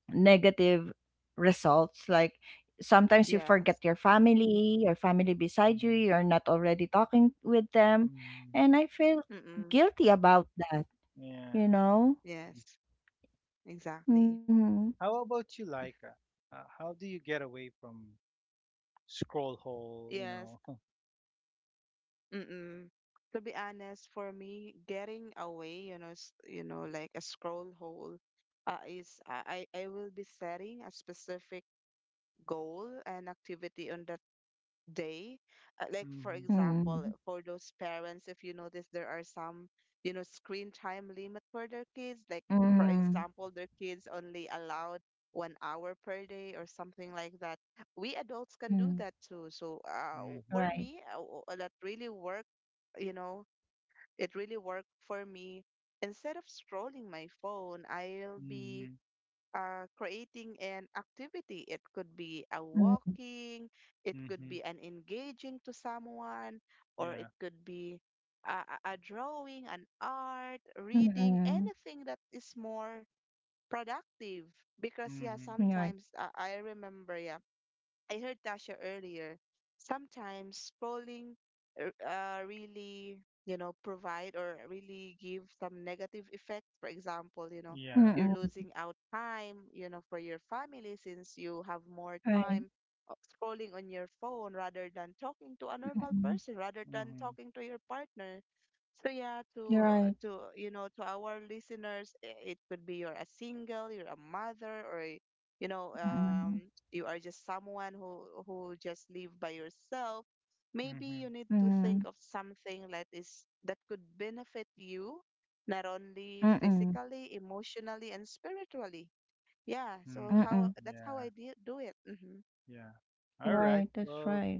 Speaker 2: negative results. Like sometimes you forget
Speaker 3: Yes.
Speaker 2: your family, your family beside you,
Speaker 1: hmm
Speaker 2: you're not already talking with them,
Speaker 1: hmm
Speaker 2: and I feel
Speaker 3: Mm-mm.
Speaker 2: guilty about that,
Speaker 1: Yeah.
Speaker 2: you
Speaker 1: Right,
Speaker 2: know.
Speaker 1: mhm,
Speaker 3: Yes. Exactly.
Speaker 2: Mm-hmm.
Speaker 1: yeah. How about you, Laika? How do you get away from scroll hole, you
Speaker 3: Yes.
Speaker 1: know.
Speaker 3: Mm-mm. To be honest, for me, getting away, you know, you know, like a scroll hole, is I will be setting a specific goal and activity on the day. Like for
Speaker 1: mhm.
Speaker 3: example,
Speaker 2: Mm-hmm.
Speaker 3: for those parents, if you notice, there are some, you know, screen time limit for their kids. Like, for
Speaker 2: Mm-hmm.
Speaker 3: example, their kids only allowed 1 hour per day or something like that. We adults can do
Speaker 2: Mm-hmm.
Speaker 3: that too. So
Speaker 1: Mhm.
Speaker 3: for
Speaker 2: Right.
Speaker 3: me, that really worked. You know, it really worked for me. Instead of scrolling my phone, I'll be
Speaker 1: Mhm.
Speaker 3: creating an activity. It could be a
Speaker 2: Mm-hmm.
Speaker 3: walking, it could
Speaker 1: Mhm.
Speaker 3: be an engaging to someone, or
Speaker 1: Yeah.
Speaker 3: it could be a drawing, an art, reading,
Speaker 2: Mm-hmm.
Speaker 3: anything that is more productive. Because, yeah,
Speaker 1: Mhm.
Speaker 2: Right.
Speaker 3: sometimes I remember, yeah. I heard Tasha earlier. Sometimes scrolling really, you know, provide or really give some negative effects. For example, you know,
Speaker 1: Yeah.
Speaker 2: Mm-mm.
Speaker 3: you're losing out time, you know, for your family since you have more
Speaker 2: Right.
Speaker 3: time scrolling on your phone rather than talking to a normal
Speaker 2: Mm-mm.
Speaker 3: person, rather than
Speaker 1: Mhm.
Speaker 3: talking to your partner. So yeah,
Speaker 2: You're
Speaker 3: to
Speaker 2: right.
Speaker 3: uh, to to our listeners, it could be you're a single, you're a mother, or you know,
Speaker 2: Mm-mm.
Speaker 3: you are just someone who just live by yourself, maybe you
Speaker 1: Mhm.
Speaker 3: need to
Speaker 2: Mm-mm.
Speaker 3: think of something that is that could benefit you, not only
Speaker 2: Mm-mm.
Speaker 3: physically, emotionally, and spiritually. Yeah, so
Speaker 1: Mhm.
Speaker 2: Mm-mm.
Speaker 3: how that's how
Speaker 1: Yeah.
Speaker 3: I do it. Mm-hmm.
Speaker 1: Yeah. All
Speaker 2: Right.
Speaker 1: right.
Speaker 2: That's
Speaker 1: Well,
Speaker 2: right.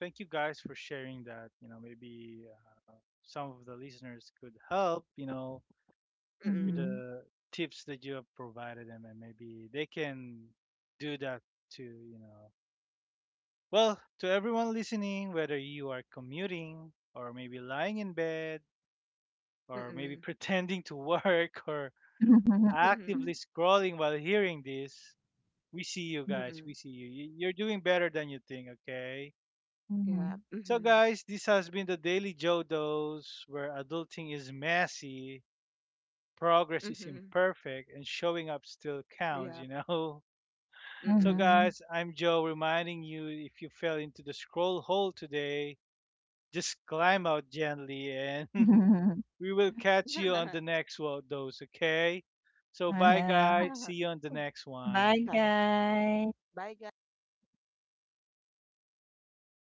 Speaker 1: thank you guys for sharing that. You know, maybe some of the listeners could help, you know, with
Speaker 2: Mm-hmm.
Speaker 3: Mm-mm.
Speaker 1: the tips that you have provided them and maybe they can do that too, you know. Well, to everyone listening, whether you are commuting or maybe lying in bed, or maybe
Speaker 3: Mm-mm.
Speaker 1: pretending to work, or
Speaker 3: Mm-mm.
Speaker 1: actively scrolling while hearing this, we see you guys.
Speaker 3: Mm-mm.
Speaker 1: We see you. You're doing better than you think, okay?
Speaker 3: Yeah.
Speaker 2: Mm-hmm.
Speaker 1: So,
Speaker 3: Mm-hmm.
Speaker 1: guys, this has been the Daily Joe Dose where adulting is messy, progress is
Speaker 3: Mm-hmm.
Speaker 1: imperfect, and showing up still counts,
Speaker 3: Yeah.
Speaker 1: you know? So,
Speaker 3: Mm-mm.
Speaker 2: Mm-hmm.
Speaker 1: guys, I'm Joe reminding you, if you fell into the scroll hole today, just climb out gently and we will catch you on the next one, those, okay? So bye, guys.
Speaker 2: Ayan,
Speaker 1: See you on the next
Speaker 2: bye
Speaker 1: one.
Speaker 3: Bye.
Speaker 2: guys.
Speaker 3: Bye, guys.